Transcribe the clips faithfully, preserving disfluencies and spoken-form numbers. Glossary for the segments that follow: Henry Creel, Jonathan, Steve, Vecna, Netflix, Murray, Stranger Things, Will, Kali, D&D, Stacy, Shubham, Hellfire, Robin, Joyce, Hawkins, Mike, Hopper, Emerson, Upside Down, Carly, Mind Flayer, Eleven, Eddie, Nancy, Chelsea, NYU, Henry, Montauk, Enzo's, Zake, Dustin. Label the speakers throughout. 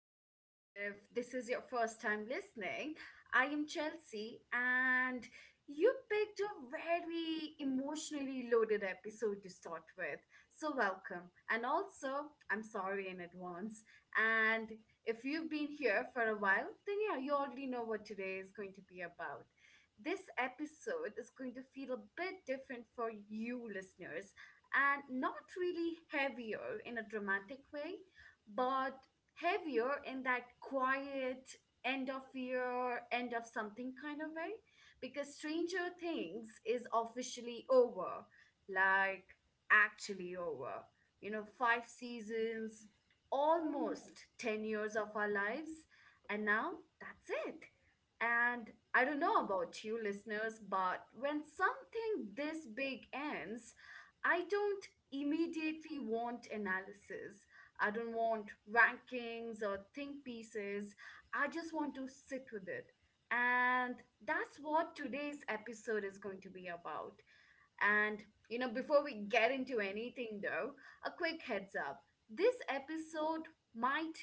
Speaker 1: Life. If this is your first time listening, I am Chelsea, and you picked a very emotionally loaded episode to start with. So, welcome. And also, I'm sorry in advance. And if you've been here for a while, then yeah, you already know what today is going to be about. This episode is going to feel a bit different for you listeners and not really heavier in a dramatic way, but heavier in that quiet end of year, end of something kind of way. Because Stranger Things is officially over, like actually over. You know, five seasons, almost ten years of our lives, and now that's it. And I don't know about you listeners, but when something this big ends, I don't immediately want analysis. I don't want rankings or think pieces. I just want to sit with it. And that's what today's episode is going to be about. And, you know, Before we get into anything though, a quick heads up, this episode might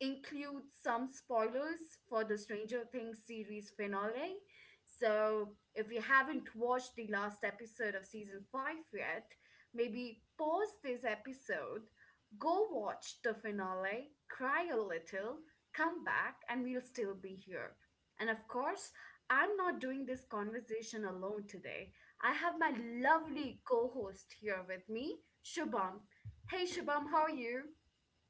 Speaker 1: include some spoilers for the Stranger Things series finale. So if you haven't watched the last episode of season five yet, maybe pause this episode, go watch the finale, cry a little, come back, and we'll still be here. And of course, I'm not doing this conversation alone today. I have my lovely co-host here with me, Shubham. Hey Shubham, how are you?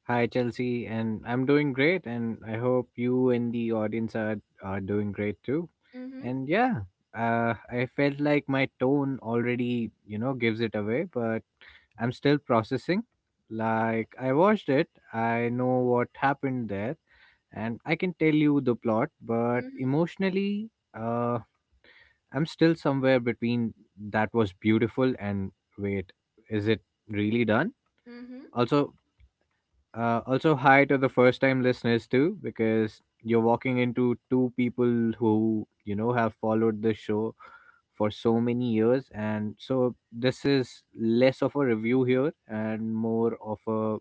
Speaker 2: Hi, Chelsea, and I'm doing great, and I hope you and the audience are, are doing great too.
Speaker 1: Mm-hmm.
Speaker 2: And yeah, uh, I felt like my tone already, you know, gives it away, but I'm still processing. Like, I watched it, I know what happened there, and I can tell you the plot, but
Speaker 1: Mm-hmm.
Speaker 2: emotionally, uh, I'm still somewhere between that was beautiful and wait, is it really done?
Speaker 1: Mm-hmm.
Speaker 2: Also, uh, also, hi to the first time listeners too, because you're walking into two people who, you know, have followed the show for so many years. And so this is less of a review here and more of a,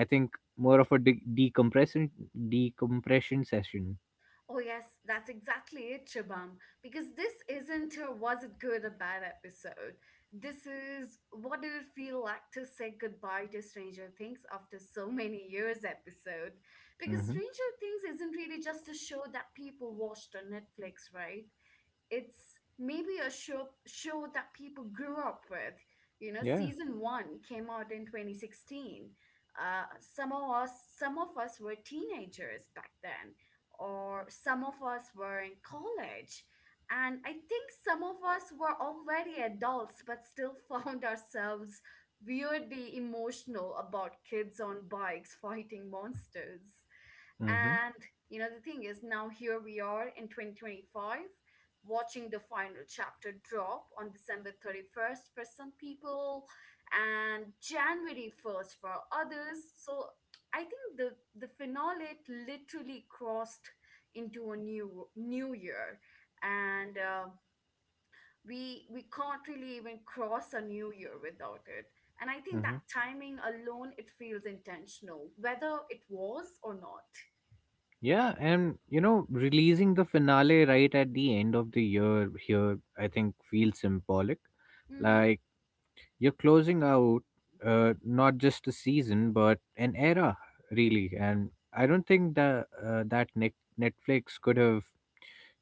Speaker 2: I think, more of a de- decompression, decompression session.
Speaker 1: Oh yes, that's exactly it, Shubham. Because this isn't a was it good or bad episode. This is what did it feel like to say goodbye to Stranger Things after so many years episode. Because
Speaker 2: Hmm.
Speaker 1: Stranger Things isn't really just a show that people watched on Netflix, right? It's maybe a show show that people grew up with. You know,
Speaker 2: Yeah.
Speaker 1: season one came out in twenty sixteen. Uh, some of us, some of us were teenagers back then, or some of us were in college, and I think some of us were already adults, but still found ourselves weirdly emotional about kids on bikes fighting monsters.
Speaker 2: Hmm.
Speaker 1: And you know, the thing is, now here we are in twenty twenty-five, watching the final chapter drop on December thirty-first for some people and January first for others. So I think the the finale literally crossed into a new new year, and uh, we we can't really even cross a new year without it. And I think that
Speaker 2: Hmm.
Speaker 1: timing alone, it feels intentional, whether it was or not.
Speaker 2: Yeah, and you know, releasing the finale right at the end of the year here, I think feels symbolic.
Speaker 1: Mm-hmm.
Speaker 2: Like you're closing out uh, not just a season, but an era, really. And I don't think that uh, that Net- Netflix could have,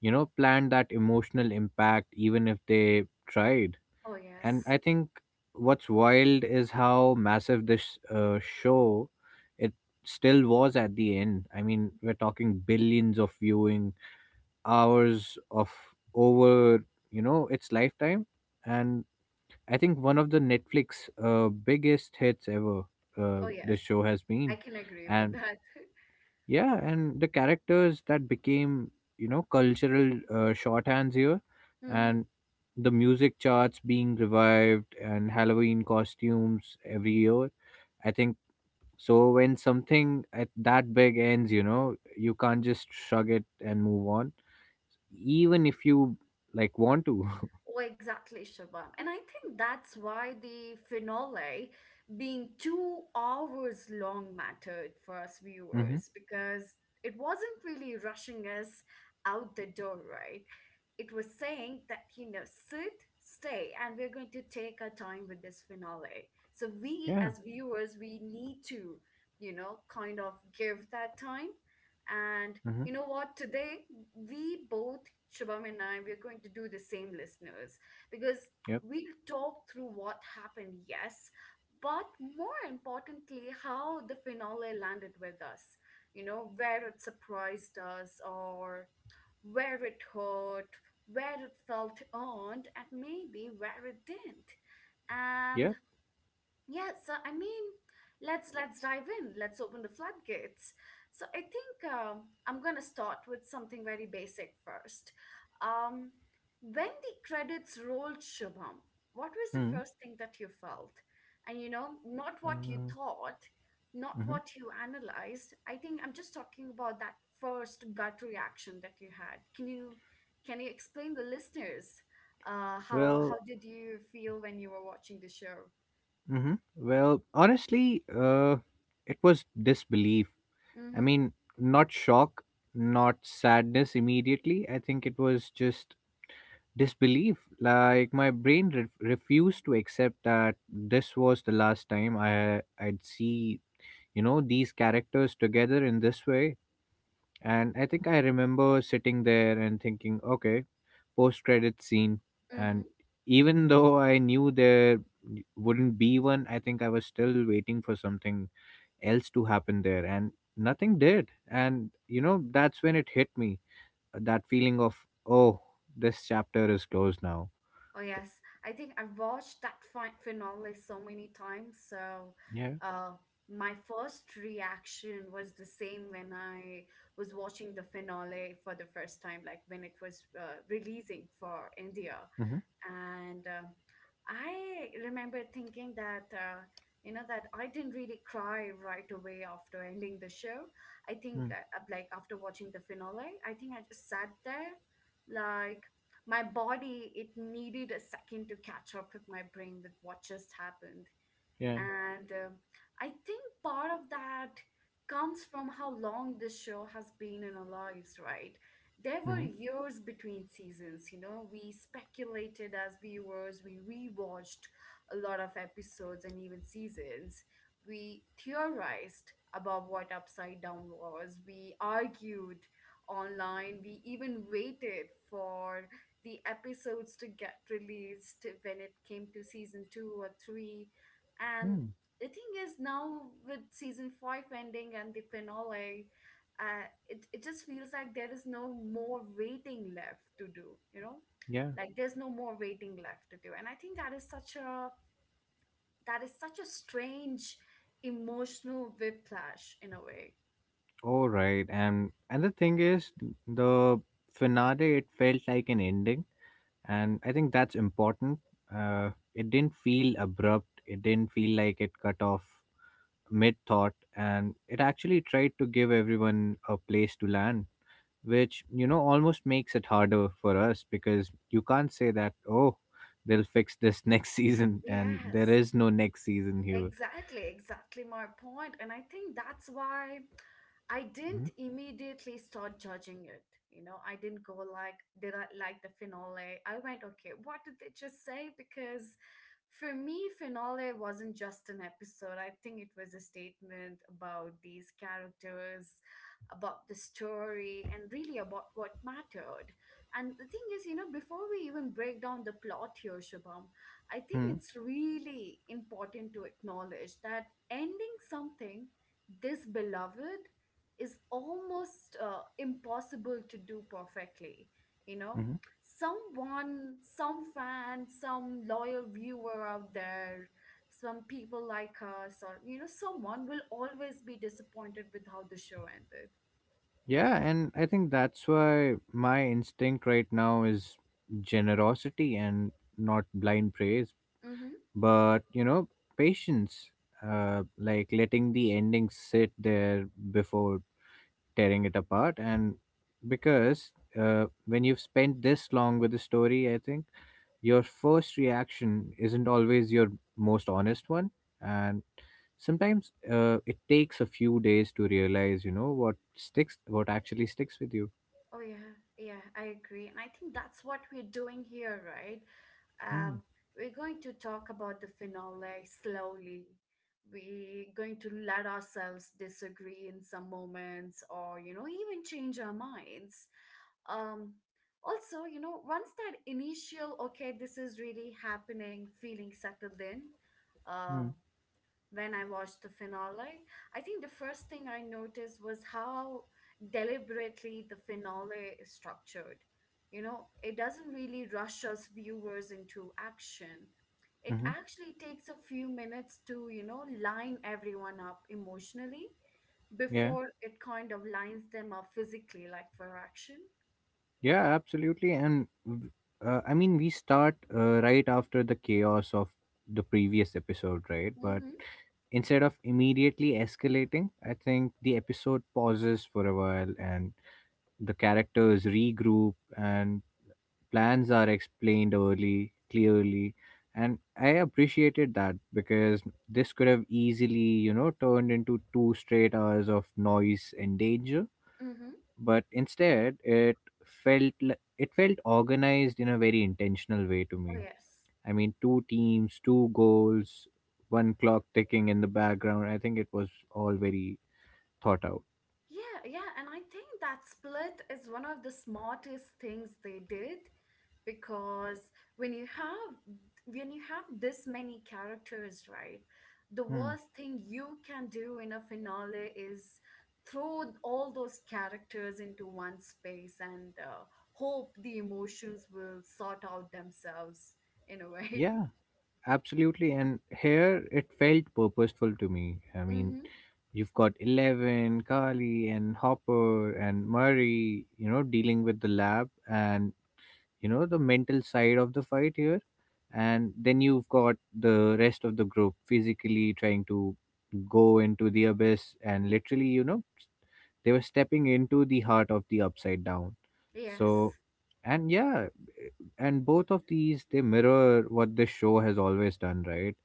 Speaker 2: you know, planned that emotional impact, even if they tried.
Speaker 1: Oh,
Speaker 2: And
Speaker 1: yes.
Speaker 2: I think what's wild is how massive this uh, show it still was at the end. I mean, we're talking billions of viewing hours of over, you know, its lifetime. And I think one of the Netflix uh, biggest hits ever uh,
Speaker 1: Oh,
Speaker 2: the
Speaker 1: yes.
Speaker 2: show has been.
Speaker 1: I can agree with
Speaker 2: And
Speaker 1: that.
Speaker 2: yeah, and the characters that became, you know, cultural uh, shorthands here
Speaker 1: Mhm.
Speaker 2: and the music charts being revived and Halloween costumes every year. I think so. When something at that big ends, you know, you can't just shrug it and move on, even if you like want to.
Speaker 1: Oh, exactly, Shabam. And I think that's why the finale being two hours long mattered for us
Speaker 2: Hmm.
Speaker 1: viewers, because it wasn't really rushing us out the door, right? It was saying that, you know, sit, stay, and we're going to take our time with this finale. So we,
Speaker 2: Yeah.
Speaker 1: as viewers, we need to, you know, kind of give that time. And you
Speaker 2: Hmm.
Speaker 1: know what? Today, we both, Shubham and I, we're going to do the same, listeners, because
Speaker 2: Yep.
Speaker 1: we'll talk through what happened, yes, but more importantly, how the finale landed with us. You know, where it surprised us or where it hurt, where it felt earned, and maybe where it didn't. And
Speaker 2: Yep.
Speaker 1: yeah, so I mean, let's let's dive in. Let's open the floodgates. So I think uh, I'm gonna start with something very basic first. Um, when the credits rolled, Shubham, what was the
Speaker 2: Hmm.
Speaker 1: first thing that you felt? And you know, not
Speaker 2: Uh,
Speaker 1: what you thought, not
Speaker 2: hmm.
Speaker 1: what you analyzed. I think I'm just talking about that first gut reaction that you had. Can you can you explain the listeners uh, how how
Speaker 2: Well.
Speaker 1: did you feel when you were watching the show?
Speaker 2: Hmm. Well, honestly, uh, it was disbelief. I
Speaker 1: Mm-hmm.
Speaker 2: mean, not shock, not sadness immediately. I think it was just disbelief. Like my brain re- refused to accept that this was the last time i i'd see, you know, these characters together in this way. And I think I remember sitting there and thinking, okay, post credit scene.
Speaker 1: Mm-hmm.
Speaker 2: And even though I knew there wouldn't be one, I think I was still waiting for something else to happen there, and nothing did. And you know, that's when it hit me, that feeling of oh, this chapter is closed now.
Speaker 1: Oh
Speaker 2: F-
Speaker 1: yes, I think I've watched that fi- finale so many times. So,
Speaker 2: yeah.
Speaker 1: uh, my first reaction was the same when I was watching the finale for the first time, like when it was uh, releasing for India.
Speaker 2: Mm-hmm.
Speaker 1: And uh, I remember thinking that uh, you know, that I didn't really cry right away after ending the show. I think
Speaker 2: Mm-hmm.
Speaker 1: uh, uh, like after watching the finale, I think I just sat there like my body, it needed a second to catch up with my brain with what just happened.
Speaker 2: Yeah.
Speaker 1: And um, I think part of that comes from how long this show has been in our lives, right? There were
Speaker 2: Mm-hmm.
Speaker 1: years between seasons, you know. We speculated as viewers, we rewatched a lot of episodes and even seasons. We theorized about what Upside Down was, we argued online, we even waited for the episodes to get released when it came to season two or three. And
Speaker 2: Mm.
Speaker 1: the thing is, now with season five ending and the finale, uh, it, it just feels like there is no more waiting left to do, you know?
Speaker 2: Yeah.
Speaker 1: Like there's no more waiting left to do. And I think that is such a that is such a strange emotional whiplash in a way.
Speaker 2: All right. And and the thing is, the finale it felt like an ending, and I think that's important. Uh, it didn't feel abrupt. It didn't feel like it cut off mid thought, and it actually tried to give everyone a place to land, which you know almost makes it harder for us because you can't say that oh they'll fix this next season, and there
Speaker 1: Yes.
Speaker 2: is no next season here.
Speaker 1: Exactly, exactly my point. And I think that's why I didn't immediately start judging it. You know, I didn't go like, did I like the finale? I went, okay, what did they just say? Because for me, finale wasn't just an episode. I think it was a statement about these characters, about the story, and really about what mattered. And the thing is, you know, before we even break down the plot here, Shubham, I think
Speaker 2: Mm-hmm.
Speaker 1: it's really important to acknowledge that ending something this beloved is almost uh, impossible to do perfectly. You know, someone, some fan, some loyal viewer out there, some people like us, or, you know, someone will always be disappointed with how the show ended.
Speaker 2: Yeah, and I think that's why my instinct right now is generosity and not blind praise,
Speaker 1: Mm-hmm.
Speaker 2: but you know, patience, uh, like letting the ending sit there before tearing it apart. And because uh, when you've spent this long with the story, I think your first reaction isn't always your most honest one. And sometimes uh, it takes a few days to realize, you know, what sticks, what actually sticks with you.
Speaker 1: Oh yeah, yeah, I agree. And I think that's what we're doing here, right?
Speaker 2: Mm-hmm.
Speaker 1: Um, we're going to talk about the finale slowly. We're going to let ourselves disagree in some moments or, you know, even change our minds. Um, Also, you know, once that initial, okay, this is really happening, feeling settled in, um when I watched the finale, I think the first thing I noticed was how deliberately the finale is structured. You know, it doesn't really rush us viewers into action. It actually takes a few minutes to, you know, line everyone up emotionally
Speaker 2: Yeah,
Speaker 1: before it kind of lines them up physically, like for action.
Speaker 2: yeah, absolutely. And w- uh, I mean, we start uh, right after the chaos of the previous episode, right? But
Speaker 1: Mm-hmm.
Speaker 2: instead of immediately escalating, I think the episode pauses for a while and the characters regroup and plans are explained early, clearly. And I appreciated that because this could have easily, you know, turned into two straight hours of noise and danger,
Speaker 1: Mm-hmm.
Speaker 2: but instead it felt l- it felt organized in a very intentional way to
Speaker 1: Oh,
Speaker 2: me.
Speaker 1: yes.
Speaker 2: I mean, two teams, two goals, one clock ticking in the background, I think it was all very thought out.
Speaker 1: Yeah, yeah, and I think that split is one of the smartest things they did, because when you have when you have this many characters, right, the
Speaker 2: Hmm.
Speaker 1: worst thing you can do in a finale is throw all those characters into one space and uh, hope the emotions will sort out themselves in a way.
Speaker 2: Yeah, absolutely. And here it felt purposeful to me. I mean,
Speaker 1: hmm
Speaker 2: you've got Eleven, Kali, and Hopper, and Murray, you know, dealing with the lab and, you know, the mental side of the fight here. And then you've got the rest of the group physically trying to go into the abyss, and literally, you know, they were stepping into the heart of the upside down.
Speaker 1: yes
Speaker 2: So, and yeah, and both of these they mirror what this show has always done, right?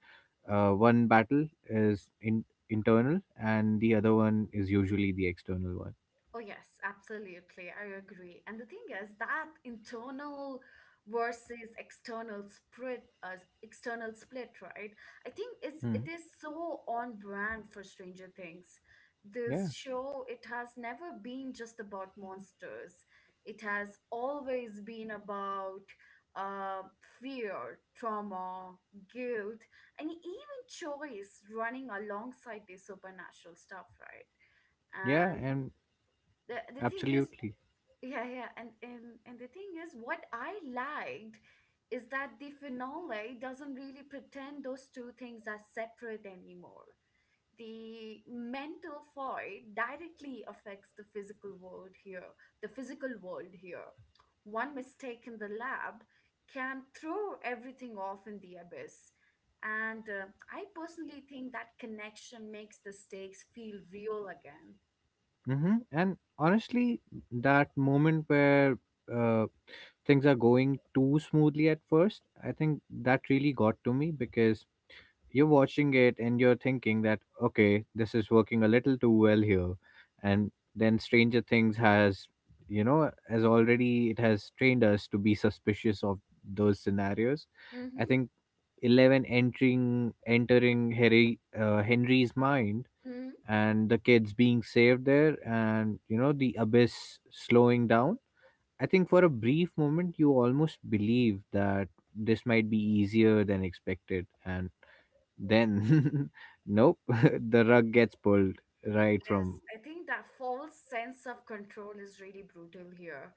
Speaker 2: uh, one battle is in internal and the other one is usually the external one.
Speaker 1: Oh, yes, absolutely. I agree. And the thing is that internal versus external split, uh, external split, right? I think it's,
Speaker 2: Hmm.
Speaker 1: it is so on brand for Stranger Things.
Speaker 2: Yeah.
Speaker 1: This show, it has never been just about monsters. It has always been about uh, fear, trauma, guilt, and even choice running alongside the supernatural stuff, right?
Speaker 2: Yeah.
Speaker 1: And
Speaker 2: And
Speaker 1: the, the thing is
Speaker 2: absolutely.
Speaker 1: Yeah, yeah. And, and and the thing is, what I liked is that the finale doesn't really pretend those two things are separate anymore. The mental void directly affects the physical world here, the physical world here. One mistake in the lab can throw everything off in the abyss. And uh, I personally think that connection makes the stakes feel real again.
Speaker 2: Hmm. And honestly, that moment where uh, things are going too smoothly at first, I think that really got to me because you're watching it and you're thinking that, okay, this is working a little too well here. And then Stranger Things has, you know, has already, it has trained us to be suspicious of those scenarios. I
Speaker 1: Mm-hmm.
Speaker 2: think Eleven entering, entering Harry, uh, Henry's mind and the kids being saved there and, you know, the abyss slowing down. I think for a brief moment you almost believe that this might be easier than expected, and then nope the rug gets pulled right
Speaker 1: Yes,
Speaker 2: from.
Speaker 1: I think that false sense of control is really brutal here.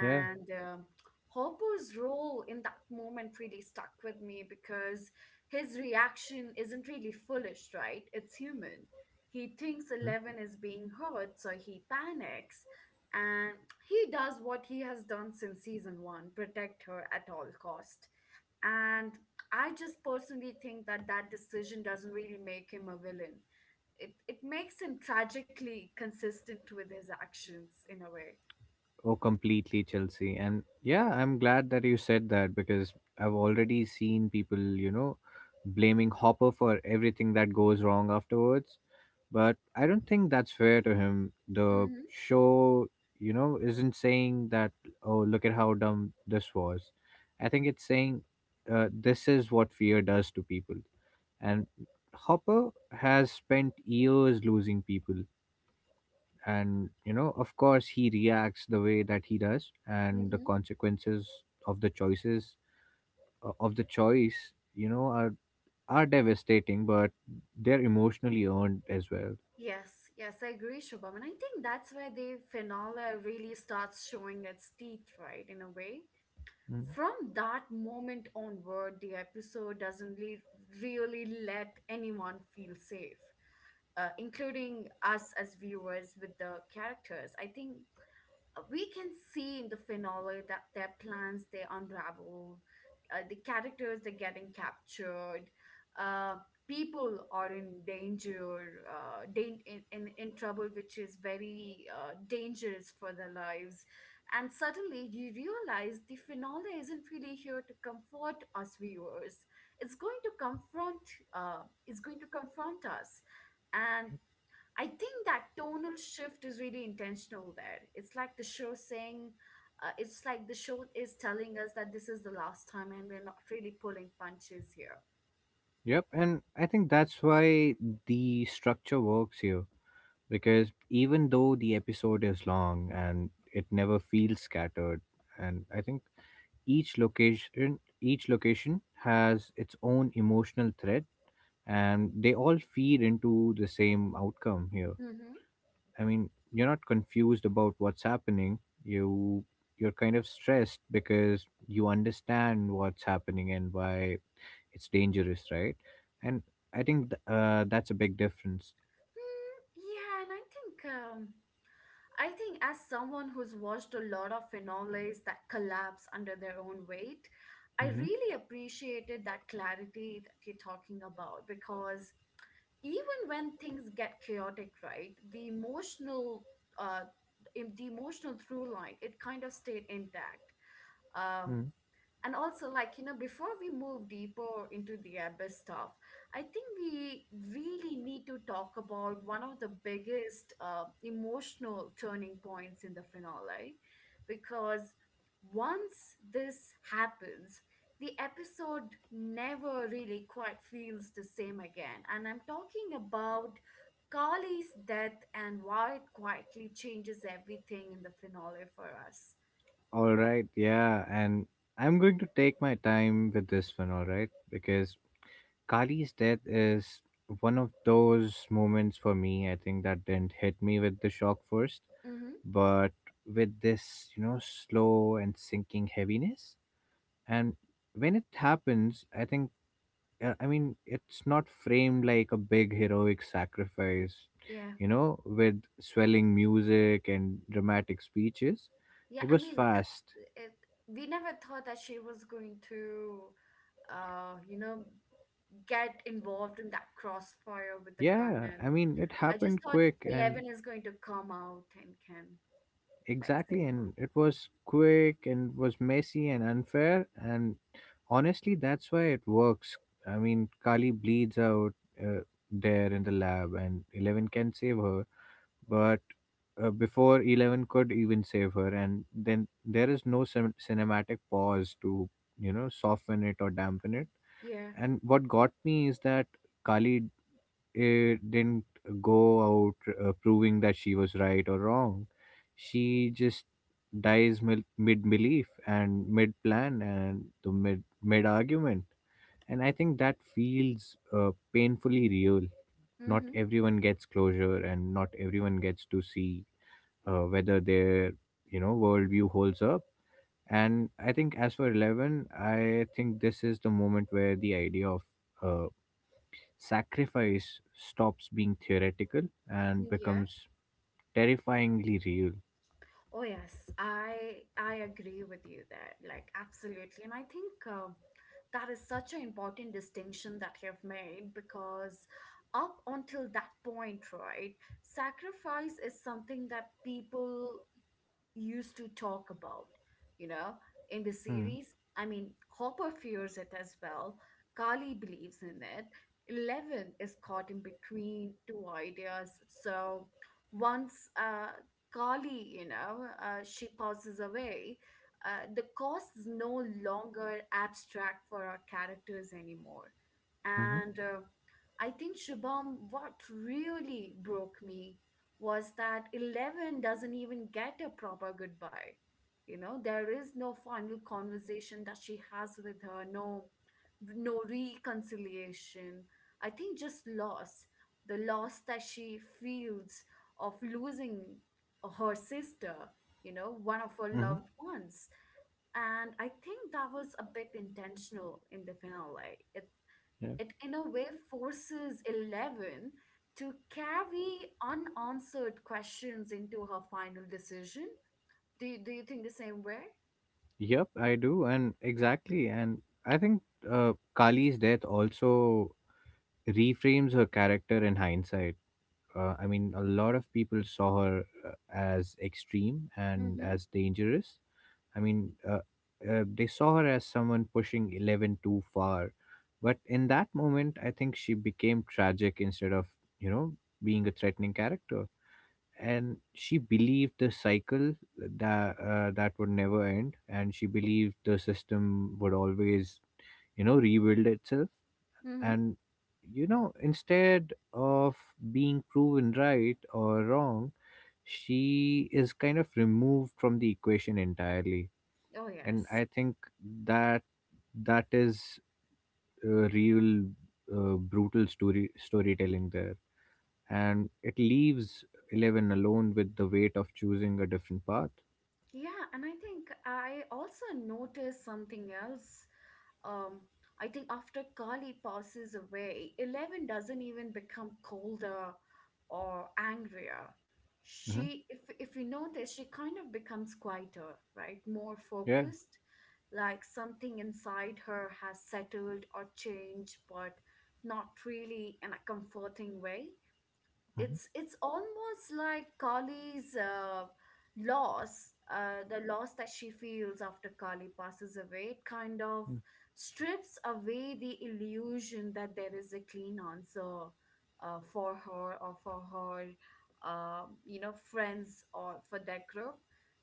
Speaker 2: Yeah.
Speaker 1: um Hopper's role in that moment really stuck with me because his reaction isn't really foolish, right? It's human. He thinks
Speaker 2: Hmm.
Speaker 1: Eleven is being hurt, so he panics. And he does what he has done since season one, protect her at all cost. And I just personally think that that decision doesn't really make him a villain. It it makes him tragically consistent with his actions in a way.
Speaker 2: Oh completely, Chelsea. And yeah, I'm glad that you said that because I've already seen people, you know, blaming Hopper for everything that goes wrong afterwards. But I don't think that's fair to him. The
Speaker 1: Mm-hmm.
Speaker 2: show, you know, isn't saying that, oh, look at how dumb this was. I think it's saying uh, this is what fear does to people. And Hopper has spent years losing people. And, you know, of course, he reacts the way that he does. And the
Speaker 1: Mm-hmm.
Speaker 2: consequences of the choices, uh, of the choice, you know, are, are devastating, but they're emotionally earned as well.
Speaker 1: Yes, yes, I agree, Shubham. And I think that's where the finale really starts showing its teeth, right, in a way. From
Speaker 2: Mm.
Speaker 1: that moment onward, the episode doesn't really, really let anyone feel safe, uh, including us as viewers with the characters. I think we can see in the finale that their plans, they unravel, uh, the characters, they're getting captured, uh, people are in danger, uh, dan- in, in, in trouble, which is very uh, dangerous for their lives, and suddenly you realize the finale isn't really here to comfort us viewers, it's going to confront uh, it's going to confront us. And I think that tonal shift is really intentional there. It's like the show saying, uh, it's like the show is telling us that this is the last time and we're not really pulling punches here.
Speaker 2: Yep, and I think that's why the structure works here because even though the episode is long and it never feels scattered, and I think each location each location has its own emotional thread and they all feed into the same outcome here.
Speaker 1: Hmm
Speaker 2: I mean, you're not confused about what's happening. You you're kind of stressed because you understand what's happening and why it's dangerous, right? And I think th- uh, that's a big difference.
Speaker 1: Hmm. Yeah, and I think um, I think as someone who's watched a lot of finales that collapse under their own weight, I
Speaker 2: Hmm.
Speaker 1: really appreciated that clarity that you're talking about because even when things get chaotic, right, the emotional uh, im- the emotional through line it kind of stayed intact. Um,
Speaker 2: Mm.
Speaker 1: and also, like, you know, before we move deeper into the abyss stuff, I think we really need to talk about one of the biggest uh, emotional turning points in the finale, because once this happens, the episode never really quite feels the same again. And I'm talking about Carly's death and why it quietly changes everything in the finale for us.
Speaker 2: All right, yeah, and I'm going to take my time with this one, all right, because Kali's death is one of those moments for me, I think, that didn't hit me with the shock first,
Speaker 1: Mm-hmm.
Speaker 2: but with this, you know, slow and sinking heaviness. And when it happens, I think uh, I mean, it's not framed like a big heroic sacrifice,
Speaker 1: Yeah.
Speaker 2: you know, with swelling music and dramatic speeches.
Speaker 1: Yeah,
Speaker 2: It
Speaker 1: I
Speaker 2: was
Speaker 1: mean, uh,
Speaker 2: fast.
Speaker 1: it, we never thought that she was going to, uh, you know, get involved in that crossfire with the gun.
Speaker 2: Yeah,
Speaker 1: And
Speaker 2: I mean, it
Speaker 1: I just
Speaker 2: happened
Speaker 1: thought
Speaker 2: quick and
Speaker 1: Eleven is going to come out and can, like,
Speaker 2: exactly,
Speaker 1: save her.
Speaker 2: and it was quick and was messy and unfair. And honestly, that's why it works. I mean, Kali bleeds out uh, there in the lab, and Eleven can save her, but uh, before Eleven could even save her, and then there is no cin- cinematic pause to, you know, soften it or dampen it.
Speaker 1: Yeah.
Speaker 2: And what got me is that Kali eh, didn't go out uh, proving that she was right or wrong. She just dies mil- mid belief and mid plan and the mid mid argument. And I think that feels uh, painfully real. Not
Speaker 1: Mm-hmm.
Speaker 2: everyone gets closure, and not everyone gets to see uh, whether their, you know, worldview holds up. And I think as for Eleven, I think this is the moment where the idea of uh, sacrifice stops being theoretical and
Speaker 1: Yeah.
Speaker 2: becomes terrifyingly real.
Speaker 1: Oh yes, I I agree with you there. Like, absolutely, and I think uh, that is such an important distinction that you've made because up until that point, right, sacrifice is something that people used to talk about, you know, in the
Speaker 2: Mm.
Speaker 1: series. I mean, Hopper fears it as well. Carly believes in it. Eleven is caught in between two ideas. So once uh, Carly, you know, uh, she passes away, uh, the cost is no longer abstract for our characters anymore.
Speaker 2: Mm-hmm.
Speaker 1: And uh, I think, Shubham, what really broke me was that Eleven doesn't even get a proper goodbye. You know, there is no final conversation that she has with her, no no reconciliation. I think just loss. The loss that she feels of losing her sister, you know, one of her
Speaker 2: Mm-hmm.
Speaker 1: loved ones. And I think that was a bit intentional in the finale.
Speaker 2: Yeah.
Speaker 1: It in a way forces Eleven to carry unanswered questions into her final decision. Do you, do you think the same way?
Speaker 2: Yep, I do, and exactly, and I think uh, Kali's death also reframes her character in hindsight. Uh, I mean, a lot of people saw her uh, as extreme and
Speaker 1: Mm-hmm.
Speaker 2: as dangerous. I mean, uh, uh, they saw her as someone pushing Eleven too far. But in that moment, I think she became tragic instead of, you know, being a threatening character. And she believed the cycle that uh, that would never end, and she believed the system would always, you know, rebuild itself.
Speaker 1: Mm-hmm.
Speaker 2: And you know, instead of being proven right or wrong, she is kind of removed from the equation entirely.
Speaker 1: Oh,
Speaker 2: And
Speaker 1: yes.
Speaker 2: I think that that is a real uh, brutal story storytelling there, and it leaves Eleven alone with the weight of choosing a different path.
Speaker 1: Yeah, and I think I also noticed something else. Um, I think after Kali passes away, Eleven doesn't even become colder or angrier.
Speaker 2: Hmm.
Speaker 1: She, if if you notice, she kind of becomes quieter, right? More
Speaker 2: Yeah.
Speaker 1: focused, like something inside her has settled or changed, but not really in a comforting way.
Speaker 2: Hmm.
Speaker 1: It's it's almost like Kali's uh, loss, uh, the loss that she feels after Kali passes away, it kind of strips away the illusion that there is a clean answer uh, for her or for her, um, you know, friends or for that group.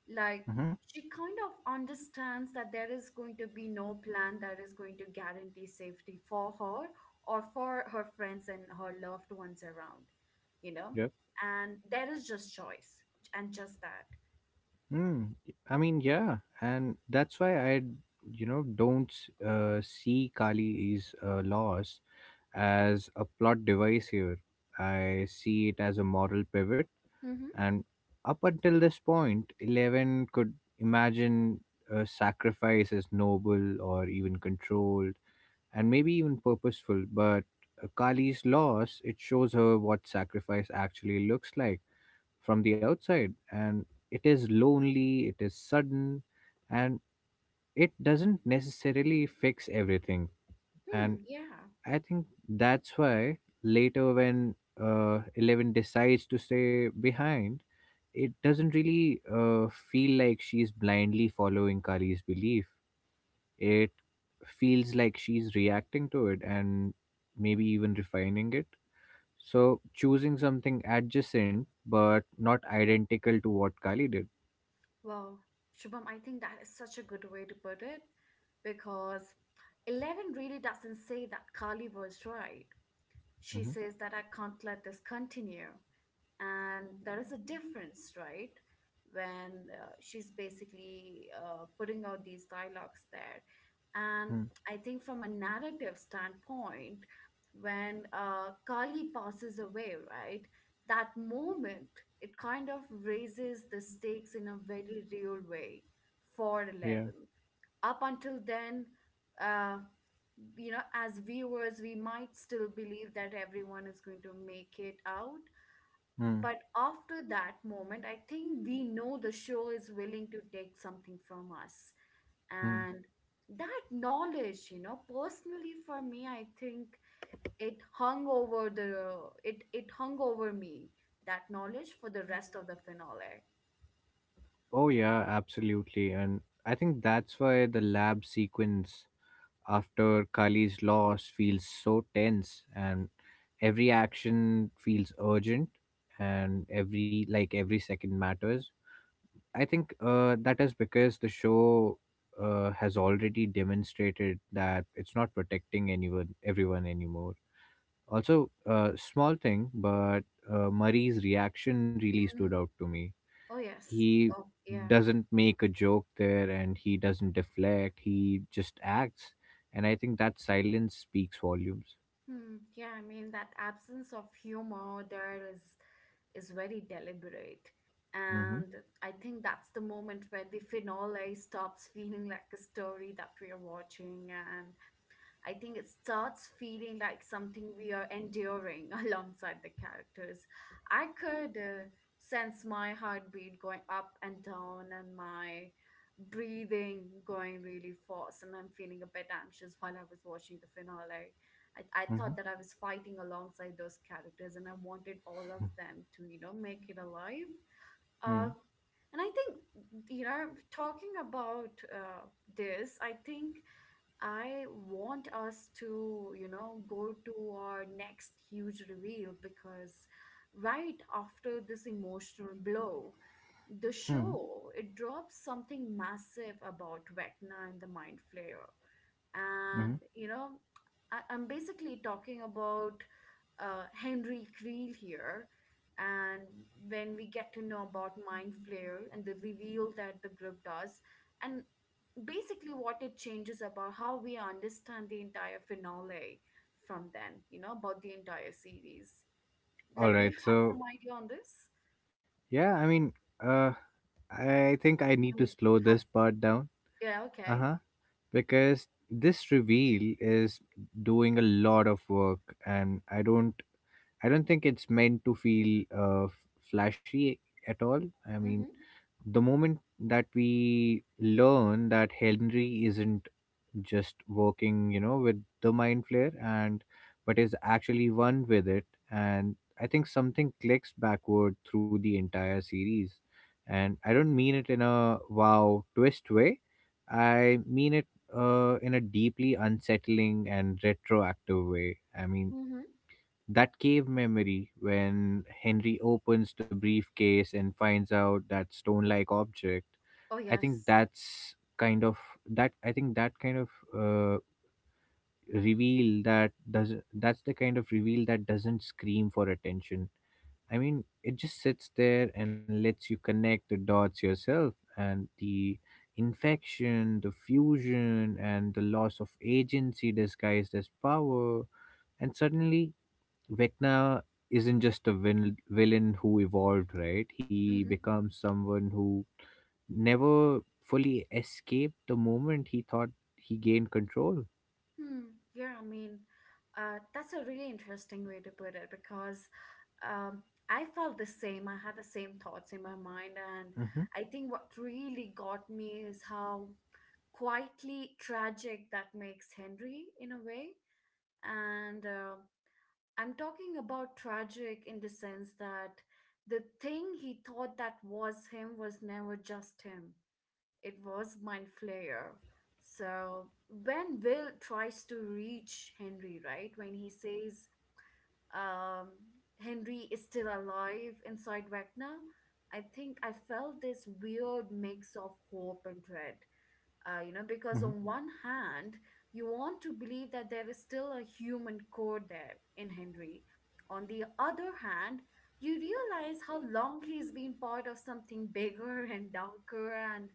Speaker 1: Like,
Speaker 2: Hmm.
Speaker 1: she kind of understands that there is going to be no plan that is going to guarantee safety for her or for her friends and her loved ones around, you know.
Speaker 2: Yeah.
Speaker 1: And there is just choice, and just that.
Speaker 2: Hmm. I mean, yeah, and that's why I, you know, don't uh, see Kali's is loss as a plot device here. I see it as a moral pivot,
Speaker 1: Mm-hmm.
Speaker 2: and up until this point, Eleven could imagine a sacrifice as noble or even controlled, and maybe even purposeful. But uh, Kali's loss it shows her what sacrifice actually looks like from the outside, and it is lonely, it is sudden, and it doesn't necessarily fix everything. And
Speaker 1: Hmm. Yeah.
Speaker 2: I think that's why later when uh, Eleven decides to stay behind, it doesn't really uh, feel like she's blindly following Kali's belief. It feels like she's reacting to it and maybe even refining it, so choosing something adjacent but not identical to what Kali did.
Speaker 1: Well, Shubham, I think that is such a good way to put it, because eleven really doesn't say that Carly was right. She says
Speaker 2: Mm-hmm.
Speaker 1: that I can't let this continue, and there is a difference, right, when uh, she's basically uh, putting out these dialogues there. And
Speaker 2: Hmm.
Speaker 1: I think from a narrative standpoint, when uh, Kali passes away, right, that moment, it kind of raises the stakes in a very real way for
Speaker 2: Yeah.
Speaker 1: eleven. Up until then, uh, you know, as viewers we might still believe that everyone is going to make it out,
Speaker 2: Hmm.
Speaker 1: but after that moment, I think we know the show is willing to take something from us.
Speaker 2: Hmm.
Speaker 1: And that knowledge, you know, personally for me, I think it hung over the— it it hung over me, that knowledge, for the rest of the finale.
Speaker 2: Oh, yeah, absolutely. And I think that's why the lab sequence after Kali's loss feels so tense, and every action feels urgent, and every like every second matters. I think uh, that is because the show uh, has already demonstrated that it's not protecting anyone, everyone anymore. Also, uh, small thing, but uh, Murray's reaction really stood
Speaker 1: Mhm.
Speaker 2: out to me.
Speaker 1: Oh yes.
Speaker 2: He
Speaker 1: Oh yeah.
Speaker 2: doesn't make a joke there, and he doesn't deflect, he just acts, and I think that silence speaks volumes.
Speaker 1: Hmm. Yeah, I mean that absence of humor there is is very deliberate,
Speaker 2: Mm-hmm,
Speaker 1: and I think that's the moment where the finale stops feeling like a story that we are watching, and I think it starts feeling like something we are enduring alongside the characters. I could uh, sense my heartbeat going up and down and my breathing going really fast, and I'm feeling a bit anxious while I was watching the finale. I, I
Speaker 2: mm-hmm,
Speaker 1: thought that I was fighting alongside those characters, and I wanted all of them to, you know, make it alive.
Speaker 2: mm-hmm,
Speaker 1: Uh, and I think, you know, talking about uh, this, I think I want us to, you know, go to our next huge reveal, because right after this emotional blow, the show it drops something massive about Vecna and the Mind Flayer.
Speaker 2: mm-hmm.
Speaker 1: And, you know, I, i'm basically talking about uh, Henry Creel here. And when we get to know about Mind Flare and the reveal that the group does, and basically what it changes about how we understand the entire finale from then, you know, about the entire series.
Speaker 2: All
Speaker 1: Like, do you
Speaker 2: right,
Speaker 1: have some
Speaker 2: so
Speaker 1: idea on this?
Speaker 2: yeah, I mean, uh I think I need
Speaker 1: I
Speaker 2: to
Speaker 1: mean,
Speaker 2: slow
Speaker 1: have—
Speaker 2: this part down.
Speaker 1: yeah, okay.
Speaker 2: Uh-huh. Because this reveal is doing a lot of work, and i don't I don't think it's meant to feel uh f- flashy at all. I mean,
Speaker 1: Mm-hmm.
Speaker 2: the moment that we learn that Henry isn't just working, you know, with the mind flare and but is actually one with it, and I think something clicks backward through the entire series. And I don't mean it in a wow twist way. I mean it uh, in a deeply unsettling and retroactive way. I mean,
Speaker 1: Mm-hmm.
Speaker 2: that cave memory when Henry opens the briefcase and finds out that stone like object,
Speaker 1: Oh
Speaker 2: I think
Speaker 1: yes.
Speaker 2: that's kind of that I think that kind of uh, reveal that does that's the kind of reveal that doesn't scream for attention. I mean, it just sits there and lets you connect the dots yourself. And the infection, the fusion, and the loss of agency disguised as power, and suddenly Vecna isn't just a vil- villain who evolved, right? He
Speaker 1: Mm-hmm.
Speaker 2: becomes someone who never fully escaped the moment he thought he gained control.
Speaker 1: Hmm. Yeah, I mean, uh, that's a really interesting way to put it because um, I felt the same. I had the same thoughts in my mind. And
Speaker 2: Hmm.
Speaker 1: I think what really got me is how quietly tragic that makes Henry in a way. And uh, I'm talking about tragic in the sense that the thing he thought that was him was never just him. It was Mind Flayer. So when Will tries to reach Henry, right? When he says, um, Henry is still alive inside Vecna, I think I felt this weird mix of hope and dread, uh, you know, because on
Speaker 2: Hmm.
Speaker 1: one hand you want to believe that there is still a human core there in Henry. On the other hand, you realize how long he's been part of something bigger and darker, and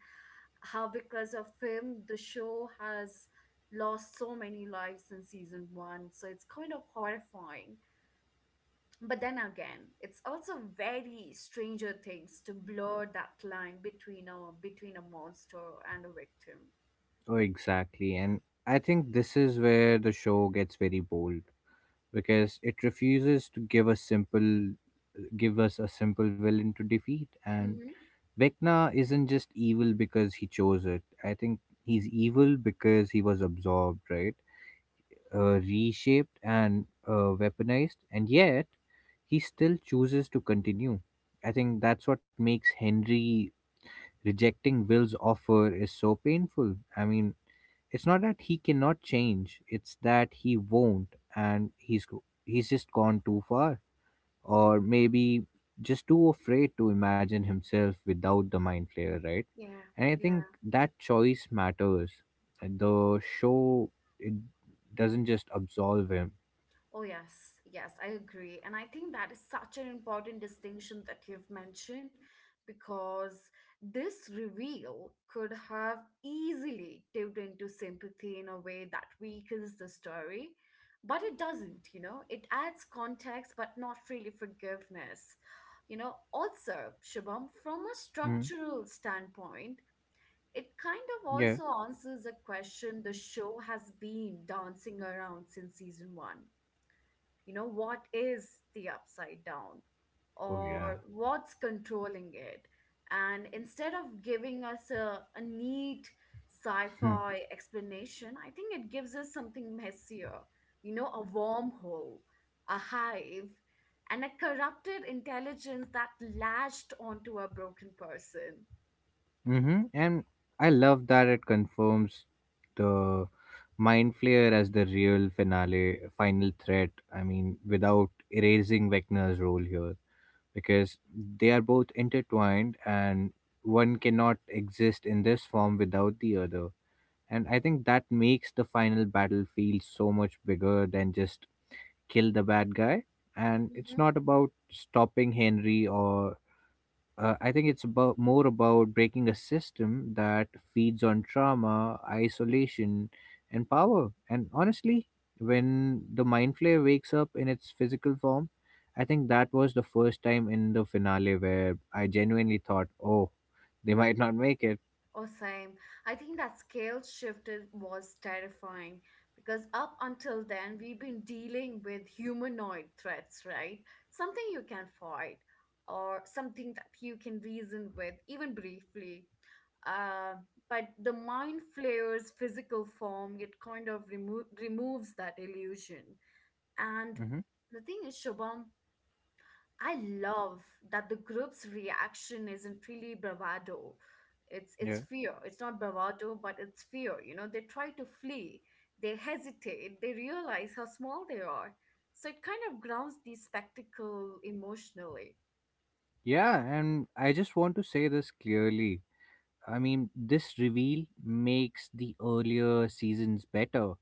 Speaker 1: how because of him the show has lost so many lives in season one. So it's kind of horrifying, but then again it's also very Stranger Things to blur that line between a between a monster and a victim.
Speaker 2: Oh, exactly. And I think this is where the show gets very bold because it refuses to give us simple give us a simple villain to defeat. And
Speaker 1: Mm-hmm.
Speaker 2: Vecna isn't just evil because he chose it. I think he's evil because he was absorbed, right? Uh, reshaped and uh, weaponized, and yet he still chooses to continue. I think that's what makes Henry rejecting Will's offer is so painful. I mean, it's not that he cannot change; it's that he won't, and he's go- he's just gone too far, or maybe just too afraid to imagine himself without the mind flayer, right?
Speaker 1: Yeah,
Speaker 2: And I
Speaker 1: yeah.
Speaker 2: think that choice matters. The show it doesn't just absolve him.
Speaker 1: Oh, yes, yes, I agree. And I think that is such an important distinction that you've mentioned, because this reveal could have easily tipped into sympathy in a way that weakens the story, but it doesn't, you know? It adds context, but not really forgiveness. You know, also, Shubham, from a
Speaker 2: Mm,
Speaker 1: structural standpoint, it kind of
Speaker 2: yeah.
Speaker 1: also answers a question the show has been dancing around since season one. You know, what is the Upside Down,
Speaker 2: Oh
Speaker 1: or
Speaker 2: yeah.
Speaker 1: what's controlling it? And instead of giving us a, a neat sci fi explanation, I think it gives us something messier, you know, a wormhole, a hive, and a corrupted intelligence that latched onto a broken person.
Speaker 2: Mm-hmm. And I love that it confirms the mind flayer as the real finale, final threat. I mean, without erasing Vecna's role here, because they are both intertwined, and one cannot exist in this form without the other. And I think that makes the final battle feel so much bigger than just kill the bad guy. And it's not about stopping Henry or uh, I think it's about more about breaking a system that feeds on trauma, isolation, and power. And honestly, when the mind flare wakes up in its physical form, I think that was the first time in the finale where I genuinely thought, "Oh, they might not make it."
Speaker 1: Oh, same. I think that scale shifted was terrifying because up until then, we've been dealing with humanoid threats, right? Something you can fight, or something that you can reason with, even briefly. Uh, but the Mind Flare's physical form, it kind of remo- removes that illusion. And
Speaker 2: Hmm.
Speaker 1: the thing is, Shubham, I love that the group's reaction isn't really bravado. It's it's
Speaker 2: Yeah,
Speaker 1: fear. It's not bravado, but it's fear. You know, they try to flee, they hesitate, they realize how small they are. So it kind of grounds the spectacle emotionally.
Speaker 2: yeah, and I just want to say this clearly. I mean, this reveal makes the earlier seasons better,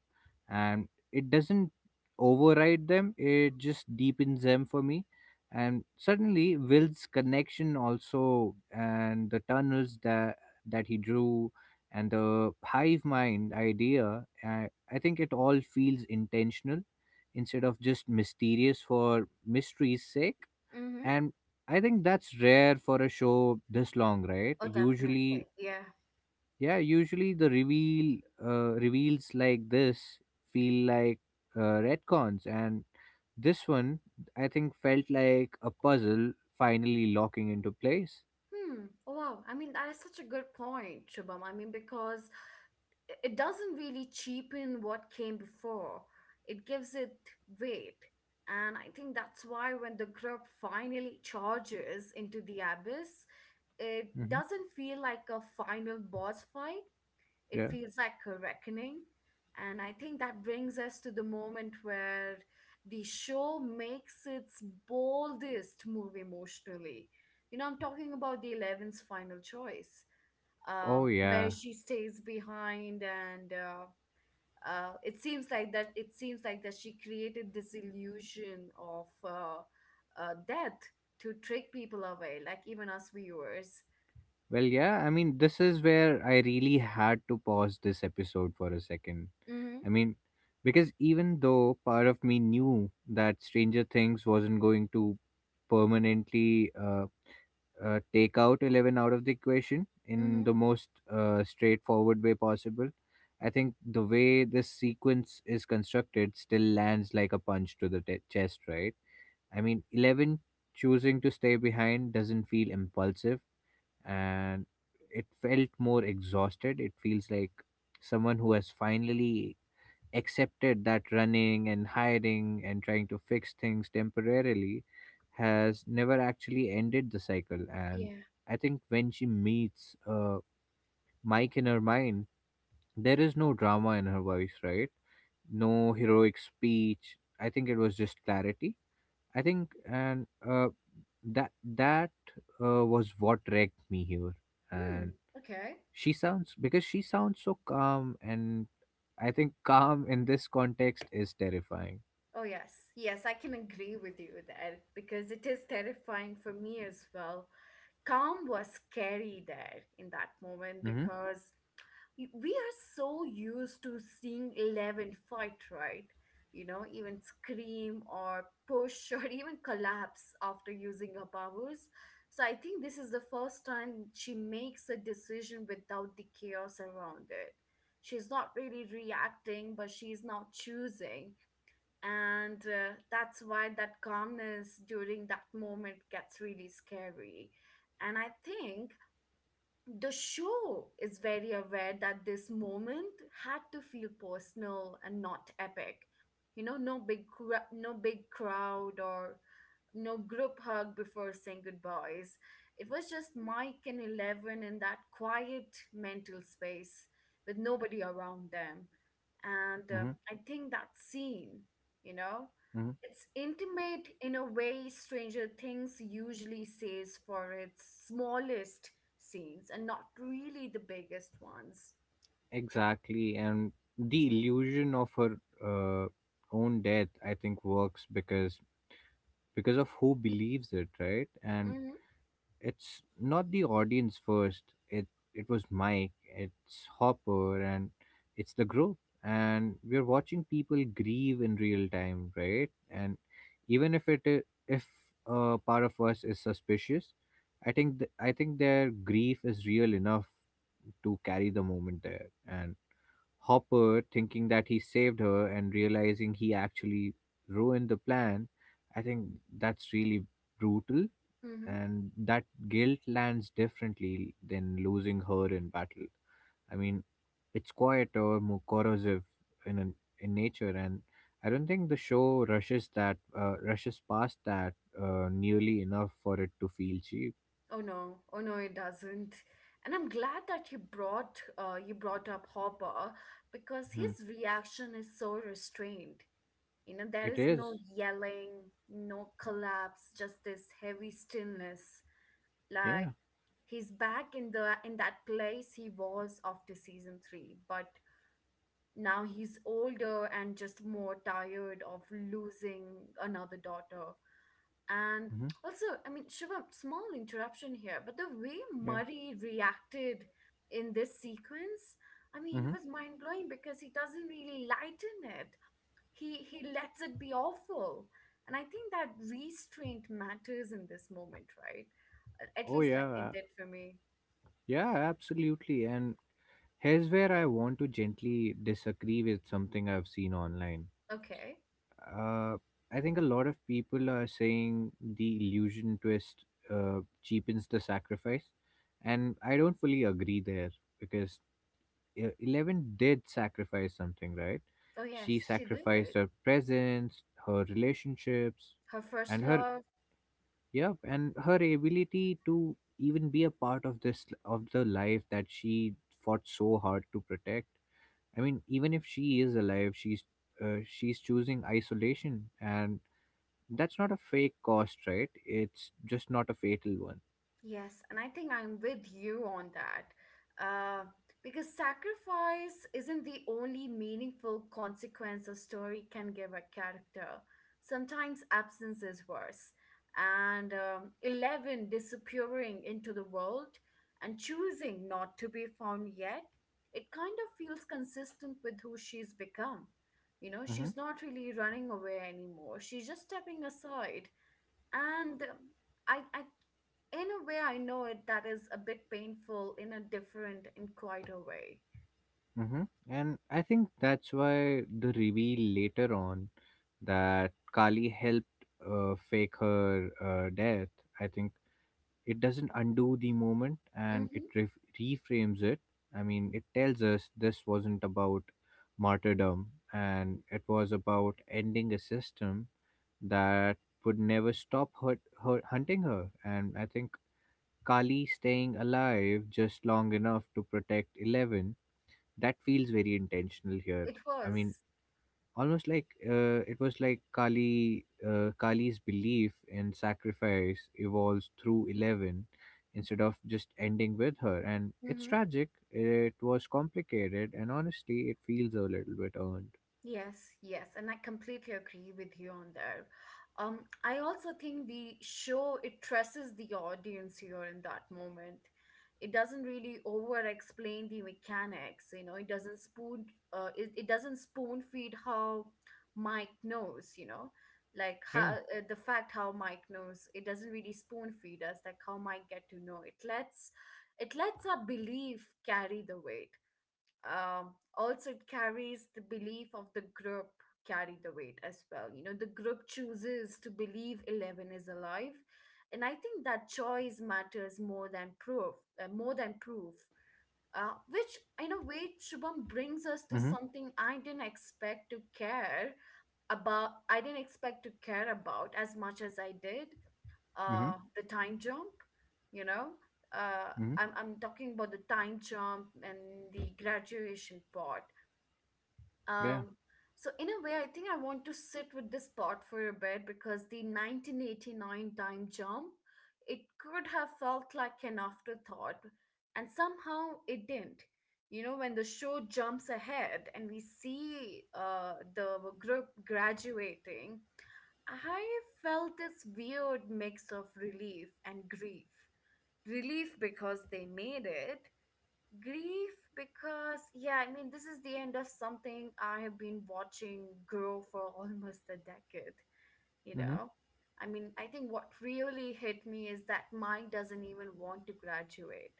Speaker 2: and it doesn't override them, it just deepens them for me. And suddenly Will's connection also, and the tunnels that that he drew, and the hive mind idea, i, I think it all feels intentional instead of just mysterious for mystery's sake.
Speaker 1: Mm-hmm.
Speaker 2: And I think that's rare for a show this long, right?
Speaker 1: Oh,
Speaker 2: Usually,
Speaker 1: definitely. Yeah.
Speaker 2: yeah, usually the reveal uh, reveals like this feel like uh, retcons, and this one I think felt like a puzzle finally locking into place.
Speaker 1: Hmm. Wow. I mean, that is such a good point, Shubham. I mean, because i- it doesn't really cheapen what came before, it gives it weight. And I think that's why when the group finally charges into the abyss, it
Speaker 2: Hmm.
Speaker 1: doesn't feel like a final boss fight. It
Speaker 2: Yeah.
Speaker 1: feels like a reckoning. And I think that brings us to the moment where the show makes its boldest move emotionally. You know, I'm talking about the eleven's final choice, uh,
Speaker 2: Oh
Speaker 1: where
Speaker 2: yeah.
Speaker 1: she stays behind. And. Uh, uh, it seems like that it seems like that she created this illusion of uh, uh, death to trick people away, like even us viewers.
Speaker 2: Well, yeah, I mean, this is where I really had to pause this episode for a second.
Speaker 1: Mm-hmm.
Speaker 2: I mean, because even though part of me knew that Stranger Things wasn't going to permanently uh, uh, take out eleven out of the equation in
Speaker 1: Mm-hmm.
Speaker 2: the most uh, straightforward way possible. I think the way this sequence is constructed still lands like a punch to the te- chest, right? I mean, eleven choosing to stay behind doesn't feel impulsive, and it felt more exhausted. It feels like someone who has finally accepted that running and hiding and trying to fix things temporarily has never actually ended the cycle. And
Speaker 1: Yeah.
Speaker 2: I think when she meets uh, Mike in her mind, there is no drama in her voice, right? No heroic speech. I think it was just clarity. I think, and uh, that that uh, was what wrecked me here.
Speaker 1: Hmm.
Speaker 2: And
Speaker 1: Okay.
Speaker 2: she sounds because she sounds so calm, and I think calm in this context is terrifying.
Speaker 1: Oh, yes. Yes, I can agree with you there because it is terrifying for me as well. Calm was scary there in that moment because y- we are so used to seeing eleven fight, right? You know, even scream or push or even collapse after using her powers. So I think this is the first time she makes a decision without the chaos around it. She's not really reacting, but she's now choosing. And uh, that's why that calmness during that moment gets really scary. And I think the show is very aware that this moment had to feel personal and not epic. You know, no big cra- no big crowd, or no group hug before saying goodbyes. It was just Mike and eleven in that quiet mental space, with nobody around them. And um,
Speaker 2: Hmm.
Speaker 1: I think that scene, you know,
Speaker 2: Hmm.
Speaker 1: it's intimate in a way Stranger Things usually says for its smallest scenes, and not really the biggest ones.
Speaker 2: Exactly. And the illusion of her uh, own death, I think, works because because of who believes it, right? And
Speaker 1: Hmm.
Speaker 2: it's not the audience first. It it was Mike, it's Hopper, and it's the group. And we're watching people grieve in real time, right? And even if it i- if a part of us is suspicious, I think th- I think their grief is real enough to carry the moment there. And Hopper thinking that he saved her and realizing he actually ruined the plan, I think that's really brutal.
Speaker 1: Hmm.
Speaker 2: And that guilt lands differently than losing her in battle. I mean, it's quieter, more corrosive in an, in nature, and I don't think the show rushes that uh, rushes past that uh, nearly enough for it to feel cheap.
Speaker 1: Oh no, oh no, it doesn't. And I'm glad that you brought uh, you brought up Hopper, because
Speaker 2: Hmm.
Speaker 1: his reaction is so restrained. You know, there
Speaker 2: It
Speaker 1: is no
Speaker 2: is,
Speaker 1: yelling, no collapse, just this heavy stillness.
Speaker 2: yeah,
Speaker 1: Like he's back in the in that place he was after season three, but now he's older and just more tired of losing another daughter. And
Speaker 2: hmm,
Speaker 1: also, I mean, Shivam, small interruption here, but the way
Speaker 2: yeah,
Speaker 1: Murray reacted in this sequence, I mean, it
Speaker 2: hmm,
Speaker 1: was mind blowing because he doesn't really lighten it. He he lets it be awful, and I think that restraint matters in this moment, right? A- At
Speaker 2: oh
Speaker 1: least like it
Speaker 2: yeah,
Speaker 1: did for me.
Speaker 2: yeah, absolutely. And here's where I want to gently disagree with something I've seen online.
Speaker 1: Okay.
Speaker 2: uh, I think a lot of people are saying the illusion twist uh, cheapens the sacrifice, and I don't fully agree there because uh, Eleven did sacrifice something, right?
Speaker 1: Oh
Speaker 2: She
Speaker 1: yes, she
Speaker 2: sacrificed
Speaker 1: did.
Speaker 2: her presence, her relationships,
Speaker 1: Her first
Speaker 2: and her
Speaker 1: love.
Speaker 2: yep, and her ability to even be a part of this of the life that she fought so hard to protect. I mean, even if she is alive, she's uh, she's choosing isolation, and that's not a fake cost, right? It's just not a fatal one.
Speaker 1: Yes, and I think I'm with you on that. Uh, because sacrifice isn't the only meaningful consequence a story can give a character. Sometimes absence is worse. And um, eleven disappearing into the world and choosing not to be found yet, it kind of feels consistent with who she's become. You know,
Speaker 2: Hmm.
Speaker 1: she's not really running away anymore, she's just stepping aside and um, I, I in a way I know it that is a bit painful in a different and quieter way.
Speaker 2: Hmm. And I think that's why the reveal later on that Kali helped uh, fake her uh, death. I think it doesn't undo the moment, and it
Speaker 1: Mm-hmm.
Speaker 2: ref reframes it. I mean, it tells us this wasn't about martyrdom, and it was about ending a system that would never stop her, her hunting her. And I think Kali staying alive just long enough to protect Eleven, that feels very intentional here.
Speaker 1: It
Speaker 2: I mean,
Speaker 1: was.
Speaker 2: almost like uh, it was like Kali uh, Kali's belief in sacrifice evolves through Eleven instead of just ending with her. And it's
Speaker 1: Mm-hmm.
Speaker 2: tragic. It was complicated, and honestly, it feels a little bit earned.
Speaker 1: Yes, yes, and I completely agree with you on there. Um, I also think the show it trusts the audience here in that moment. It doesn't really over explain the mechanics, you know, it doesn't spoon uh, it, it doesn't spoon feed how Mike knows, you know, like how
Speaker 2: Yeah.
Speaker 1: uh, the fact how Mike knows, it doesn't really spoon feed us like how Mike get to know. It lets it lets our belief carry the weight, um, also it carries the belief of the group carry the weight as well. You know, the group chooses to believe eleven is alive, and I think that choice matters more than proof uh, more than proof, uh, which in a way Shubham brings us to
Speaker 2: Mhm.
Speaker 1: something I didn't expect to care about I didn't expect to care about as much as I did. Uh,
Speaker 2: Mhm.
Speaker 1: the time jump, you know, uh,
Speaker 2: Mhm.
Speaker 1: I'm, I'm talking about the time jump and the graduation part.
Speaker 2: Yeah.
Speaker 1: Um, so in a way, I think I want to sit with this part for a bit because the nineteen eighty-nine time jump, it could have felt like an afterthought, and somehow it didn't. You know, when the show jumps ahead and we see uh, the group graduating, I felt this weird mix of relief and grief. Relief because they made it. Grief because, yeah, I mean, this is the end of something I have been watching grow for almost a decade, you
Speaker 2: Mhm.
Speaker 1: know? I mean, I think what really hit me is that Mike doesn't even want to graduate.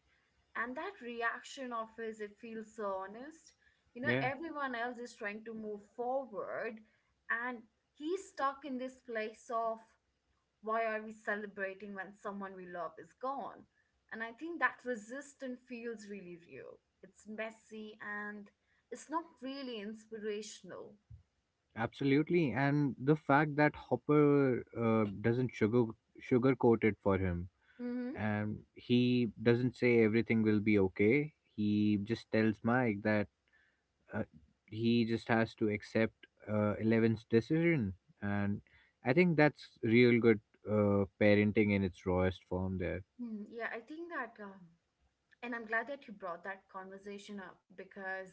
Speaker 1: And that reaction of his, it feels so honest. You know,
Speaker 2: Yeah.
Speaker 1: everyone else is trying to move forward, and he's stuck in this place of why are we celebrating when someone we love is gone? And I think that resistance feels really real. It's messy and it's not really inspirational.
Speaker 2: Absolutely, and the fact that Hopper uh, doesn't sugar sugarcoat it for him,
Speaker 1: Mm-hmm.
Speaker 2: and he doesn't say everything will be okay. He just tells Mike that uh, he just has to accept uh, Eleven's decision, and I think that's real good uh, parenting in its rawest form there.
Speaker 1: Mm-hmm. Yeah, I think that, um, and I'm glad that you brought that conversation up because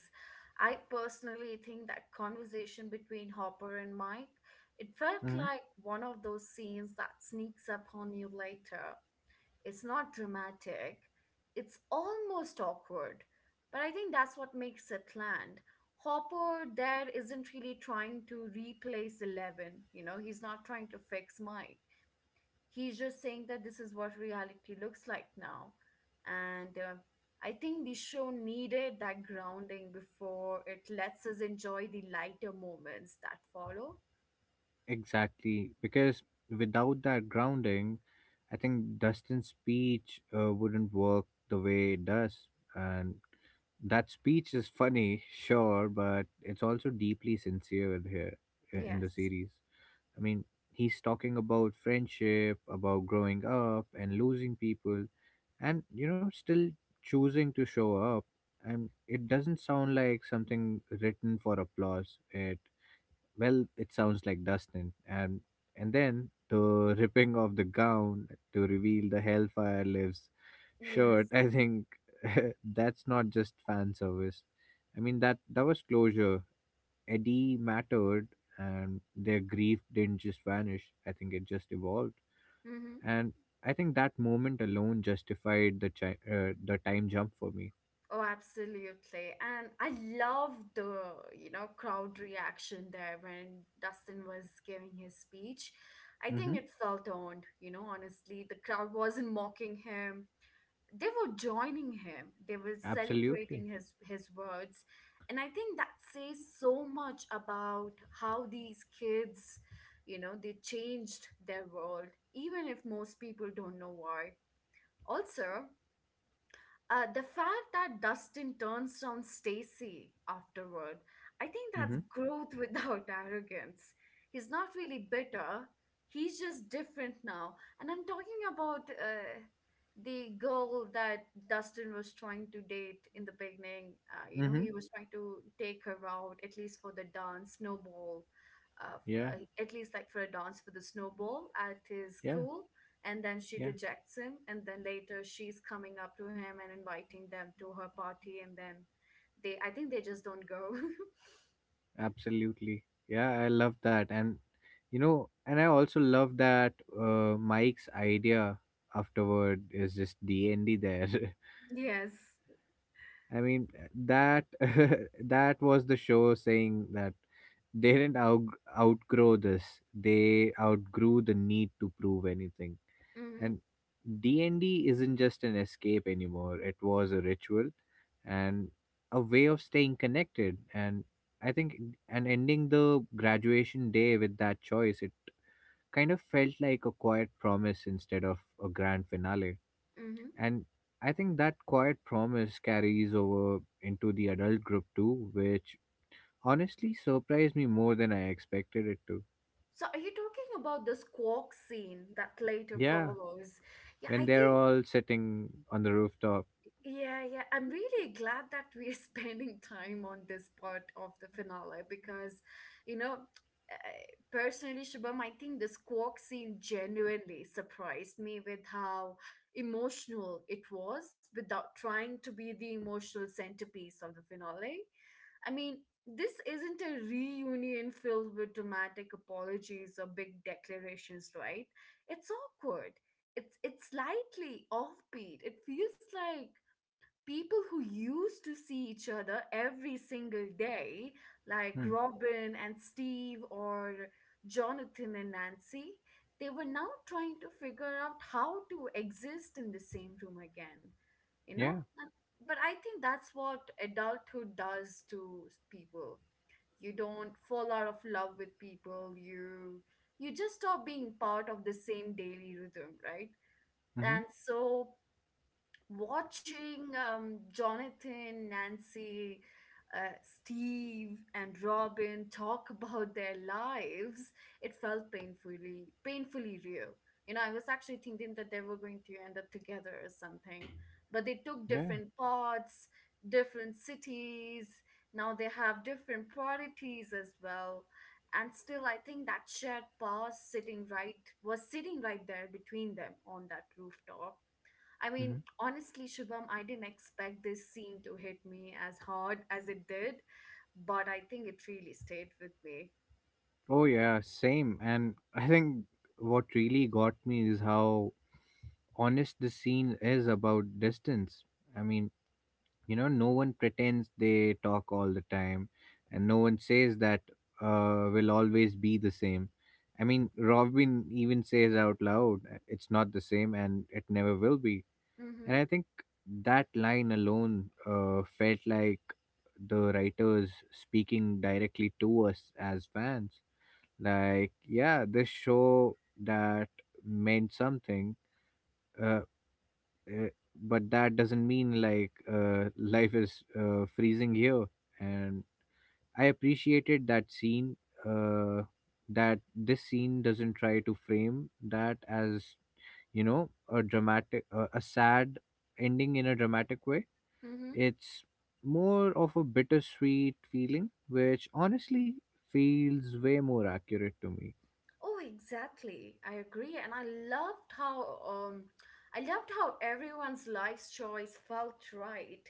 Speaker 1: I personally think that conversation between Hopper and Mike, it felt
Speaker 2: Mm-hmm.
Speaker 1: like one of those scenes that sneaks up on you later. It's not dramatic. It's almost awkward. But I think that's what makes it land. Hopper there isn't really trying to replace Eleven, you know, he's not trying to fix Mike. He's just saying that this is what reality looks like now. And uh, I think the show needed that grounding before it lets us enjoy the lighter moments that follow.
Speaker 2: Exactly, because without that grounding, I think Dustin's speech uh, wouldn't work the way it does. And that speech is funny, sure, but it's also deeply sincere here i- in
Speaker 1: Yes,
Speaker 2: the series. I mean, he's talking about friendship, about growing up and losing people, and you know, still choosing to show up. And it doesn't sound like something written for applause. It well, it sounds like Dustin. And and then the ripping of the gown to reveal the Hellfire lives shirt.
Speaker 1: yes.
Speaker 2: I think that's not just fan service. I mean that that was closure. Eddie mattered, and their grief didn't just vanish. I think it just evolved,
Speaker 1: Mm-hmm.
Speaker 2: and I think that moment alone justified the chi- uh, the time jump for me.
Speaker 1: Oh, absolutely. And I love the, you know, crowd reaction there when Dustin was giving his speech. I
Speaker 2: Mm-hmm.
Speaker 1: think it felt earned, you know, honestly. The crowd wasn't mocking him. They were joining him. They were
Speaker 2: Absolutely.
Speaker 1: celebrating his his words. And I think that says so much about how these kids, you know, they changed their world, even if most people don't know why. Also, uh, the fact that Dustin turns on Stacy afterward, I think that's
Speaker 2: Mm-hmm.
Speaker 1: growth without arrogance. He's not really bitter. He's just different now. And I'm talking about uh, the girl that Dustin was trying to date in the beginning. Uh, you know,
Speaker 2: Mm-hmm.
Speaker 1: he was trying to take her out, at least for the dance, snowball, uh, f-
Speaker 2: Yeah.
Speaker 1: uh, at least like for a dance for the snowball at his
Speaker 2: Yeah.
Speaker 1: school, and then she
Speaker 2: Yeah.
Speaker 1: rejects him and then later she's coming up to him and inviting them to her party, and then they I think they just don't go.
Speaker 2: Absolutely. Yeah, I love that. And you know, and I also love that uh, Mike's idea afterward is just D and D there.
Speaker 1: Yes.
Speaker 2: I mean, that that was the show saying that they didn't out, outgrow this. They outgrew the need to prove anything,
Speaker 1: Mm-hmm,
Speaker 2: and D and D isn't just an escape anymore. It was a ritual and a way of staying connected. And I think and ending the graduation day with that choice, it kind of felt like a quiet promise instead of a grand finale.
Speaker 1: mm-hmm.
Speaker 2: And I think that quiet promise carries over into the adult group too, which honestly surprised me more than I expected it to.
Speaker 1: So are you talking about the squawk scene that later
Speaker 2: Yeah,
Speaker 1: follows? Yeah,
Speaker 2: when
Speaker 1: I
Speaker 2: they're
Speaker 1: think.
Speaker 2: all sitting on the rooftop.
Speaker 1: Yeah, yeah. I'm really glad that we're spending time on this part of the finale because, you know, uh, personally, Shubham, I think the squawk scene genuinely surprised me with how emotional it was without trying to be the emotional centerpiece of the finale. I mean, this isn't a reunion filled with dramatic apologies or big declarations, right? It's awkward, it's it's slightly offbeat. It feels like people who used to see each other every single day, like
Speaker 2: Hmm.
Speaker 1: Robin and Steve or Jonathan and Nancy, they were now trying to figure out how to exist in the same room again, you know?
Speaker 2: Yeah.
Speaker 1: And, but I think that's what adulthood does to s- people. You don't fall out of love with people. You you just stop being part of the same daily rhythm, right?
Speaker 2: Mm-hmm.
Speaker 1: And so watching um, Jonathan, Nancy, uh, Steve, and Robin talk about their lives, it felt painfully, painfully real. You know, I was actually thinking that they were going to end up together or something, but they took
Speaker 2: Yeah.
Speaker 1: different paths, different cities. Now they have different priorities as well. And still, I think that shared past sitting right was sitting right there between them on that rooftop. I mean,
Speaker 2: Mhm.
Speaker 1: honestly, Shubham, I didn't expect this scene to hit me as hard as it did, but I think it really stayed with me.
Speaker 2: Oh yeah, same. And I think what really got me is how honest the scene is about distance. I mean, you know, no one pretends they talk all the time, and no one says that uh, will always be the same. I mean, Robin even says out loud, "Uh, "It's not the same, and it never will be." And
Speaker 1: Mm-hmm.
Speaker 2: I think that line alone uh, felt like the writers speaking directly to us as fans. Like yeah this show that meant something uh, uh, but that doesn't mean like uh, life is uh, freezing here. And I appreciated that scene, uh, that this scene doesn't try to frame that as you know a dramatic uh, a sad ending in a dramatic way.
Speaker 1: Mm-hmm.
Speaker 2: It's more of a bittersweet feeling, which honestly feels way more accurate to me.
Speaker 1: Oh, exactly. I agree, and I loved how um, I loved how everyone's life's choice felt right,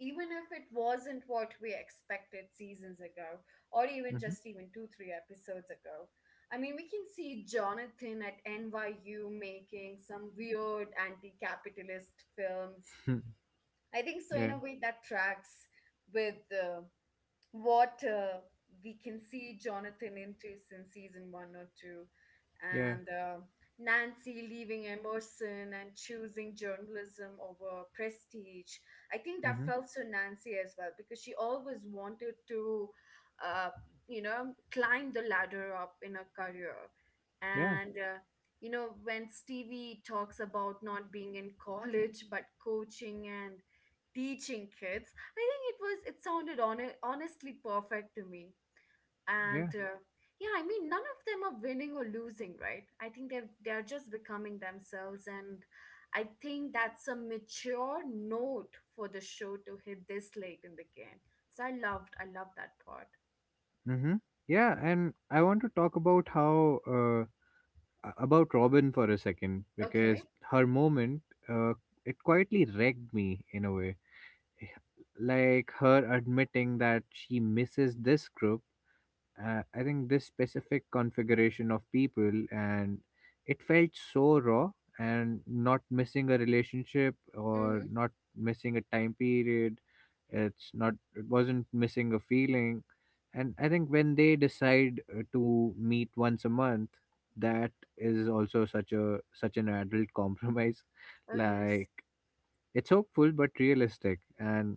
Speaker 1: even if it wasn't what we expected seasons ago, or even
Speaker 2: Mhm.
Speaker 1: just even two, three episodes ago. I mean, we can see Jonathan at N Y U making some weird anti-capitalist films. I think so. In
Speaker 2: Yeah.
Speaker 1: a way, that tracks with uh, what uh, we can see Jonathan into since season one or two,
Speaker 2: Yeah.
Speaker 1: and uh, Nancy leaving Emerson and choosing journalism over prestige. I think that
Speaker 2: Mhm.
Speaker 1: felt so Nancy as well because she always wanted to, uh, you know, climb the ladder up in her career.
Speaker 2: Yeah.
Speaker 1: And, uh, you know, when Stevie talks about not being in college but coaching and teaching kids, I think it was it sounded hone- honestly perfect to me.
Speaker 2: Yeah.
Speaker 1: And uh, yeah, I mean none of them are winning or losing, right? I think they are they're just becoming themselves, and I think that's a mature note for the show to hit this late in the game. So I loved I loved that part.
Speaker 2: Mhm. Yeah, and I want to talk about how uh, a- about Robin for a second
Speaker 1: Okay.
Speaker 2: because her moment, uh, it quietly wrecked me in a way. Eh, Like her admitting that she misses this group, uh, I think this specific configuration of people, and it felt so raw. And not missing a relationship or
Speaker 1: Mhm.
Speaker 2: not missing a time period it's not it wasn't missing a feeling. And I think when they decide uh, to meet once a month, that is also such a such an adult compromise,
Speaker 1: Oh yes.
Speaker 2: like it's hopeful but realistic. And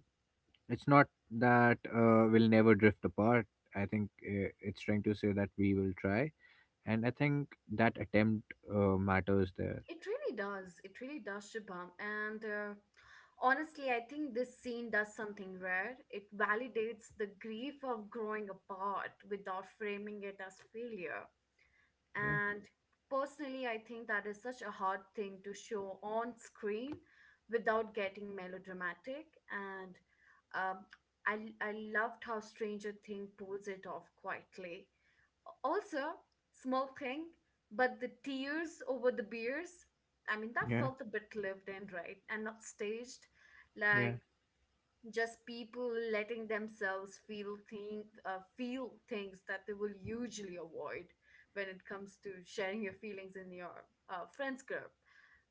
Speaker 2: it's not that uh, we'll never drift apart. I think uh, it's trying to say that we will try, and I think that attempt uh, matters there.
Speaker 1: It really does. It really does, Shubham. And uh, honestly, I think this scene does something rare. It validates the grief of growing apart without framing it as failure.
Speaker 2: Yeah,
Speaker 1: And personally, I think that is such a hard thing to show on screen without getting melodramatic. And um, I, I loved how Stranger Thing pulls it off quietly. Also, small thing, but the tears over the beers, I mean, that
Speaker 2: yeah,
Speaker 1: felt a bit lived in, right? And not staged,
Speaker 2: yeah.
Speaker 1: like just people letting themselves feel thing, uh, feel things that they will usually avoid when it comes to sharing your feelings in your uh, friends group,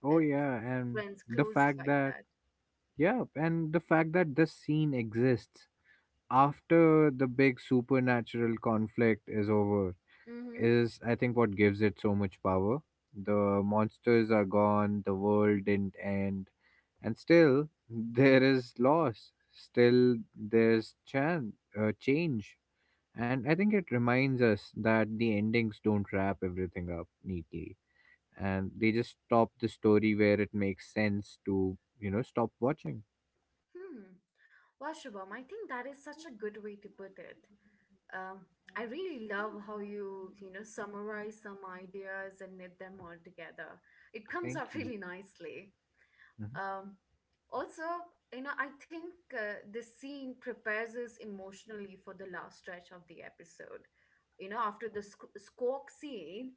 Speaker 2: Oh
Speaker 1: uh,
Speaker 2: yeah, and
Speaker 1: friends
Speaker 2: the
Speaker 1: close
Speaker 2: fact
Speaker 1: like
Speaker 2: that
Speaker 1: that.
Speaker 2: yeah, and the fact that this scene exists after the big supernatural conflict is over
Speaker 1: Mm-hmm.
Speaker 2: is, I think, what gives it so much power. The monsters are gone. The world didn't end, and still there is loss, still there's chan- uh, change. And I think it reminds us that the endings don't wrap everything up neatly, and they just stop the story where it makes sense to, you know, stop watching.
Speaker 1: Hmm. Well, Shubham, I think that is such a good way to put it. um, I really love how you you know summarize some ideas and knit them all together. It comes
Speaker 2: Thank
Speaker 1: out
Speaker 2: you.
Speaker 1: really nicely.
Speaker 2: Mhm.
Speaker 1: Um, also, you know, I think uh, this scene prepares us emotionally for the last stretch of the episode. You know, after the squ- squawk scene,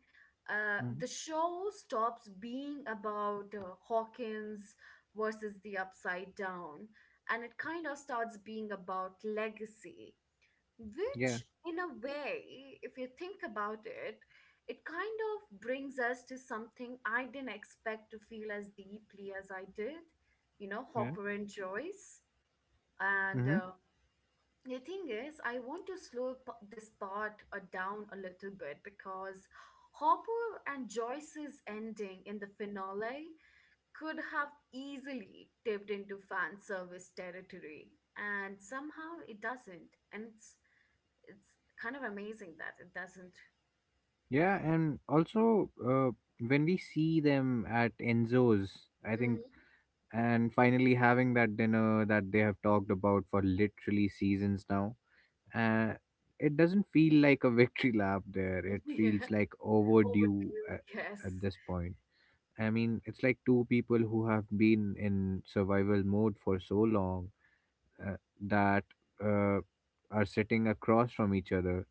Speaker 1: uh,
Speaker 2: Mhm.
Speaker 1: the show stops being about uh, Hawkins versus the Upside Down, and it kind of starts being about legacy,
Speaker 2: Yeah.
Speaker 1: which in a way if you think about it, it kind of brings us to something I didn't expect to feel as deeply as I did. You know,
Speaker 2: Yeah.
Speaker 1: Hopper and Joyce and,
Speaker 2: Hmm.
Speaker 1: uh, the thing is I want to slow p- this part uh, down a little bit because Hopper and Joyce's ending in the finale could have easily tipped into fan service territory, and somehow it doesn't, and it's it's kind of amazing that it doesn't.
Speaker 2: Yeah, and also uh, when we see them at Enzo's, I think,
Speaker 1: Mm,
Speaker 2: and finally having that dinner that they have talked about for literally seasons now. Uh, it doesn't feel like a victory lap there. It
Speaker 1: yeah,
Speaker 2: feels like overdue
Speaker 1: overview.
Speaker 2: at, at
Speaker 1: Yes.
Speaker 2: this point. I mean, it's like two people who have been in survival mode for so long uh, that uh, are sitting across from each other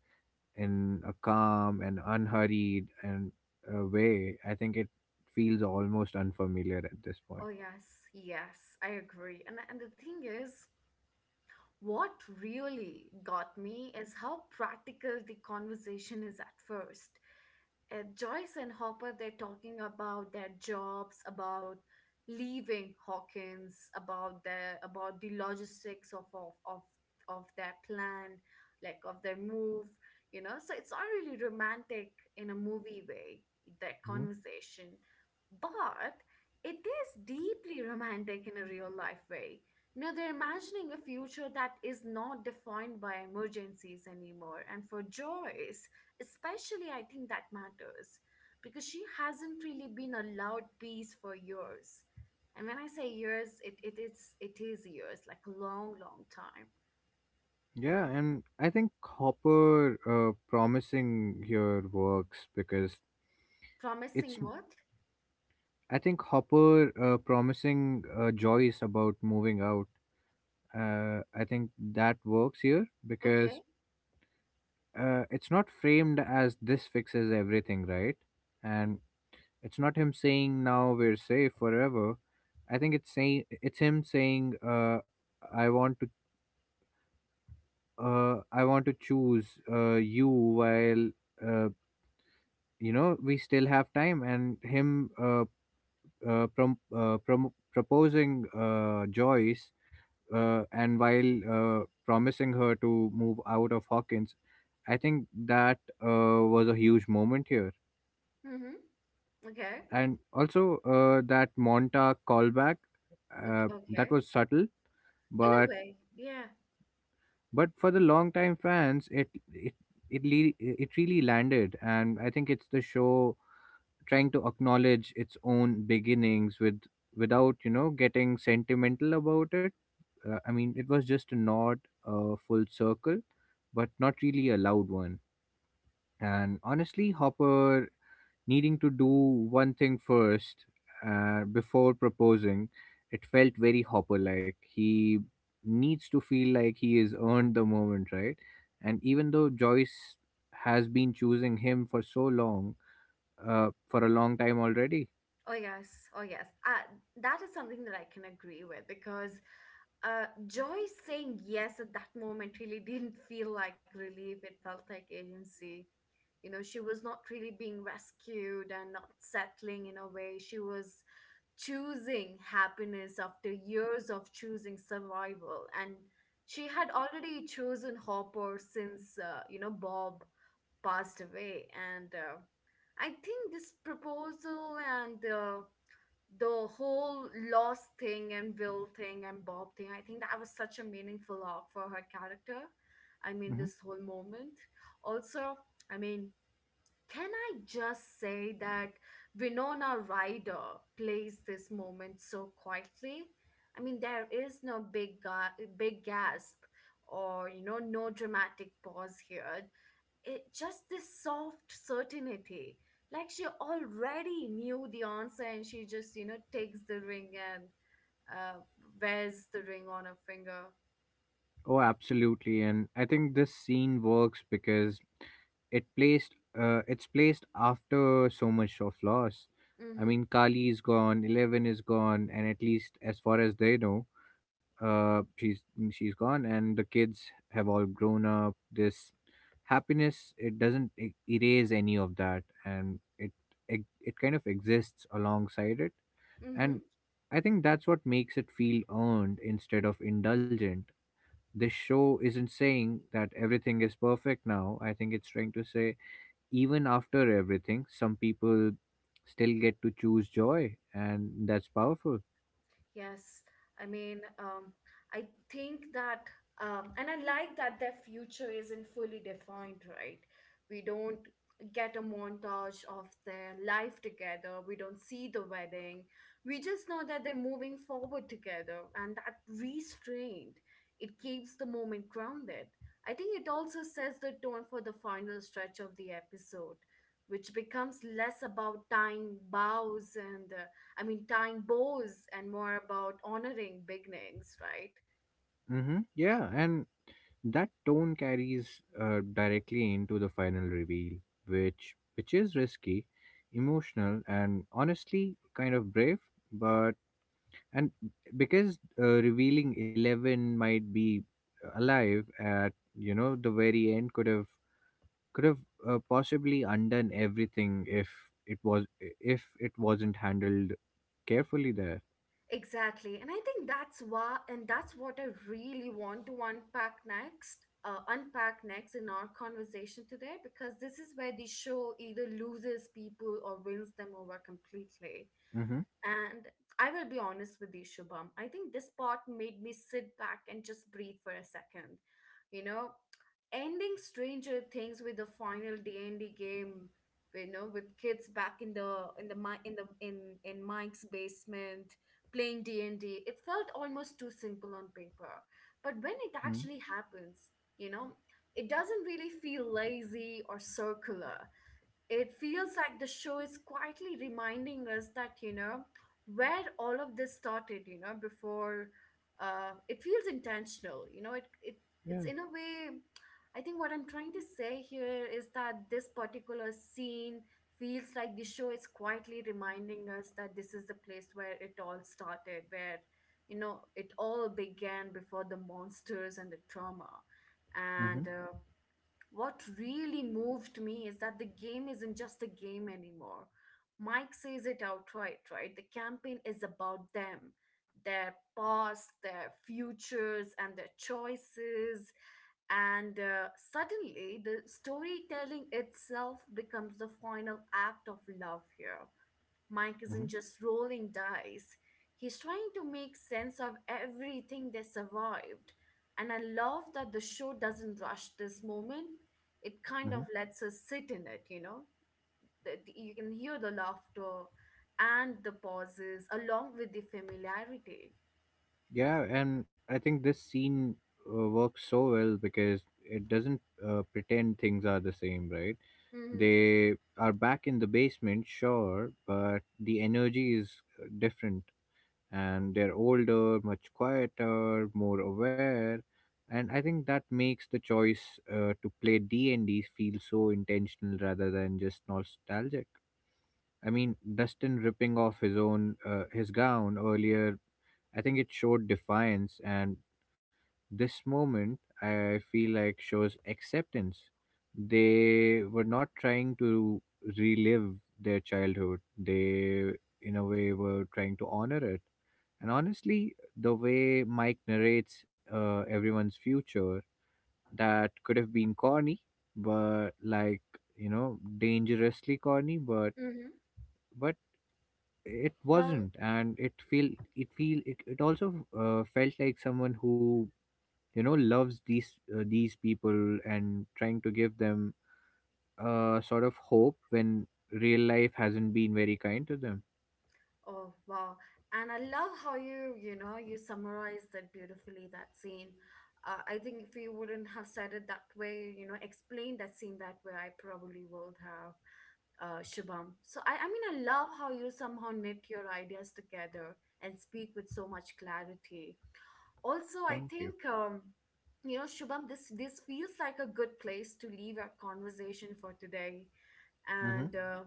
Speaker 2: in a calm and unhurried and uh, way. I think it feels almost unfamiliar at this point.
Speaker 1: Oh yes, yes, I agree. And and the thing is, what really got me is how practical the conversation is at first. uh, Joyce and Hopper, they're talking about their jobs, about leaving Hawkins, about the about the logistics of of of, of their plan, like of their move. You know, so it's not really romantic in a movie way that conversation, but it is deeply romantic in a real life way. You know, they're imagining a future that is not defined by emergencies anymore. And for Joyce, especially I think that matters because she hasn't really been allowed peace for years. And when I say years it, it is it is years, like a long long time.
Speaker 2: Yeah, and I think Hopper uh, promising here works because it's.
Speaker 1: Promising what?
Speaker 2: I think Hopper uh, promising uh, Joyce about moving out. Uh, I think that works here
Speaker 1: Okay.
Speaker 2: because uh, it's not framed as this fixes everything, right? And it's not him saying now we're safe forever. I think it's saying it's him saying, uh, I want to uh, I want to choose uh, you while, uh, you know, we still have time. And him uh, uh, prom- uh, prom- proposing uh, Joyce, uh, and while uh, promising her to move out of Hawkins, I think that uh, was a huge moment here.
Speaker 1: Mm-hmm. Okay,
Speaker 2: And also, uh, that Montauk callback, uh,
Speaker 1: okay,
Speaker 2: that
Speaker 1: okay.
Speaker 2: was subtle,
Speaker 1: In a
Speaker 2: but
Speaker 1: way, yeah.
Speaker 2: but for the long time fans, it it it, le- it really landed. And I think it's the show trying to acknowledge its own beginnings, with without, you know, getting sentimental about it. uh, I mean, it was just a nod, a full circle, but not really a loud one. And honestly, Hopper needing to do one thing first, uh, before proposing, it felt very Hopper. Like, he needs to feel like he has earned the moment, right? And even though Joyce has been choosing him for so long, uh, for a long time already.
Speaker 1: Oh yes, oh yes, uh, that is something that I can agree with, because uh, Joy saying yes at that moment really didn't feel like relief. It felt like agency. You know, she was not really being rescued and not settling. In a way, she was choosing happiness after years of choosing survival. And she had already chosen Hopper since, uh, you know, Bob passed away. And uh, I think this proposal and uh, the whole loss thing and Will thing and Bob thing, I think that was such a meaningful arc for her character. I mean,
Speaker 2: Mm-hmm.
Speaker 1: this whole moment, also, I mean, can I just say that Winona Ryder plays this moment so quietly? I mean, there is no big ga- big gasp or, you know, no dramatic pause here. It just this soft certainty. Like she already knew the answer, and she just, you know, takes the ring and uh, wears the ring on her finger.
Speaker 2: Oh, absolutely. And I think this scene works because it placed uh, it's placed after so much of loss. I
Speaker 1: Mhm.
Speaker 2: mean, Kali is gone, Eleven is gone, and at least as far as they know, uh, she's she's gone, and the kids have all grown up. This happiness, it doesn't e- erase any of that, and it it, it kind of exists alongside it. And I think that's what makes it feel earned instead of indulgent. This show isn't saying that everything is perfect now. I think it's trying to say, even after everything, some people still get to choose joy, and that's powerful.
Speaker 1: Yes, I mean, um, I think that, um, and I like that their future isn't fully defined, right? We don't get a montage of their life together, we don't see the wedding. We just know that they're moving forward together, and that restraint, it keeps the moment grounded. I think it also sets the tone for the final stretch of the episode, which becomes less about tying bows and uh, I mean, tying bows and more about honoring beginnings, right?
Speaker 2: Mm-hmm. Yeah, and that tone carries uh, directly into the final reveal, which which is risky, emotional, and honestly kind of brave. But and Because uh, revealing Eleven might be alive at, you know, the very end could have, could have uh, possibly undone everything if it was if it wasn't handled carefully there.
Speaker 1: Exactly. And I think that's why, and that's what I really want to unpack next, uh, unpack next in our conversation today, because this is where the show either loses people or wins them over completely.
Speaker 2: Mm-hmm.
Speaker 1: And I will be honest with you, Shubham. I think this part made me sit back and just breathe for a second. You know, ending Stranger Things with the final D and D game, you know, with kids back in the in the Mi- in the in in Mike's basement playing D and D, it felt almost too simple on paper. But when it
Speaker 2: Hmm.
Speaker 1: actually happens, you know, it doesn't really feel lazy or circular. It feels like the show is quietly reminding us that, you know, where all of this started, you know, before, uh it feels intentional. You know, it, it
Speaker 2: Yeah.
Speaker 1: it's in a way, I think what I'm trying to say here is that this particular scene feels like the show is quietly reminding us that this is the place where it all started, where, you know, it all began before the monsters and the trauma.
Speaker 2: Mm-hmm.
Speaker 1: And uh, what really moved me is that the game isn't just a game anymore. Mike says it outright, right? The campaign is about them, their past, their futures, and their choices. And uh, suddenly, the storytelling itself becomes the final act of love here. Mike
Speaker 2: Mm-hmm.
Speaker 1: isn't just rolling dice, he's trying to make sense of everything they survived. And I love that the show doesn't rush this moment, it kind of
Speaker 2: Mm-hmm.
Speaker 1: lets us sit in it, you know? The- the- You can hear the laughter and the pauses along with the familiarity.
Speaker 2: Yeah, and I think this scene uh, works so well because it doesn't uh, pretend things are the same, right?
Speaker 1: Mm-hmm.
Speaker 2: They are back in the basement, sure, but the energy is uh, different, and they're older, much quieter, more aware. And I think that makes the choice uh, to play D and D feel so intentional rather than just nostalgic. I mean, Dustin ripping off his own uh, his gown earlier, I think it showed defiance, and this moment, I feel like, shows acceptance. They were not trying to relive their childhood. They, in a way, were trying to honor it. And honestly, the way Mike narrates uh, everyone's future, that could have been corny, but, like, you know, dangerously corny, but
Speaker 1: Mm-hmm.
Speaker 2: but it
Speaker 1: Well,
Speaker 2: wasn't. And it feel it feel it, it also uh, felt like someone who, you know, loves these uh, these people and trying to give them a sort of hope when real life hasn't been very kind to them.
Speaker 1: oh, wow. And I love how you, you know, you summarized that beautifully, that scene. Uh, I think if you wouldn't have said it that way, you know, explained that scene that way, I probably would have, uh, Shubham. So I, I mean, I love how you somehow knit your ideas together and speak with so much clarity. Also, I
Speaker 2: Thank you.
Speaker 1: think, um, you know, Shubham, this this feels like a good place to leave our conversation for today.
Speaker 2: Mm-hmm.
Speaker 1: And uh,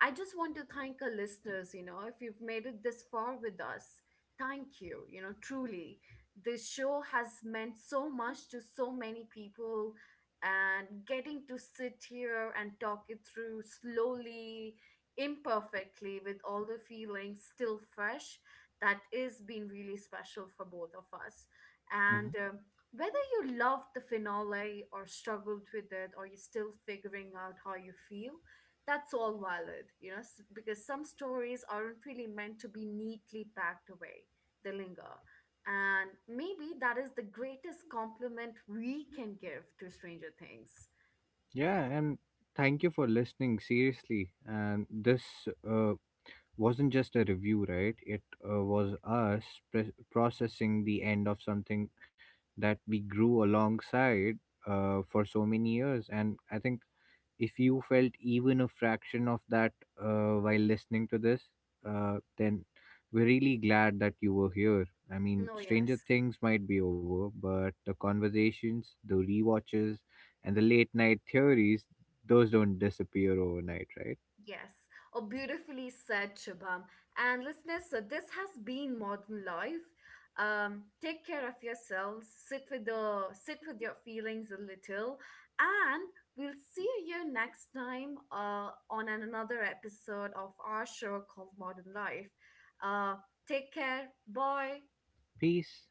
Speaker 1: I just want to thank our listeners, you know, if you've made it this far with us, thank you, you know, truly. This show has meant so much to so many people, and getting to sit here and talk it through slowly, imperfectly, with all the feelings still fresh, that is been really special for both of us.
Speaker 2: Mm-hmm.
Speaker 1: And um, whether you loved the finale or struggled with it, or you're still figuring out how you feel, that's all valid, you know, s- because some stories aren't really meant to be neatly packed away. They linger. And maybe that is the greatest compliment we can give to Stranger Things.
Speaker 2: Yeah, and thank you for listening, seriously. And this uh, wasn't just a review, right? It uh, was us pre- processing the end of something that we grew alongside uh, for so many years. And I think if you felt even a fraction of that uh, while listening to this, uh, then we're really glad that you were here. I mean,
Speaker 1: No,
Speaker 2: Stranger
Speaker 1: yes.
Speaker 2: Things might be over, but the conversations, the rewatches, and the late night theories, those don't disappear overnight, right?
Speaker 1: Yes, oh, beautifully said, Shubham. And listeners, so this has been Modern Life. Um, take care of yourselves. Sit with the sit with your feelings a little, and we'll see you next time uh, on an- another episode of our show called Modern Life. Uh, Take care. Bye.
Speaker 2: Peace.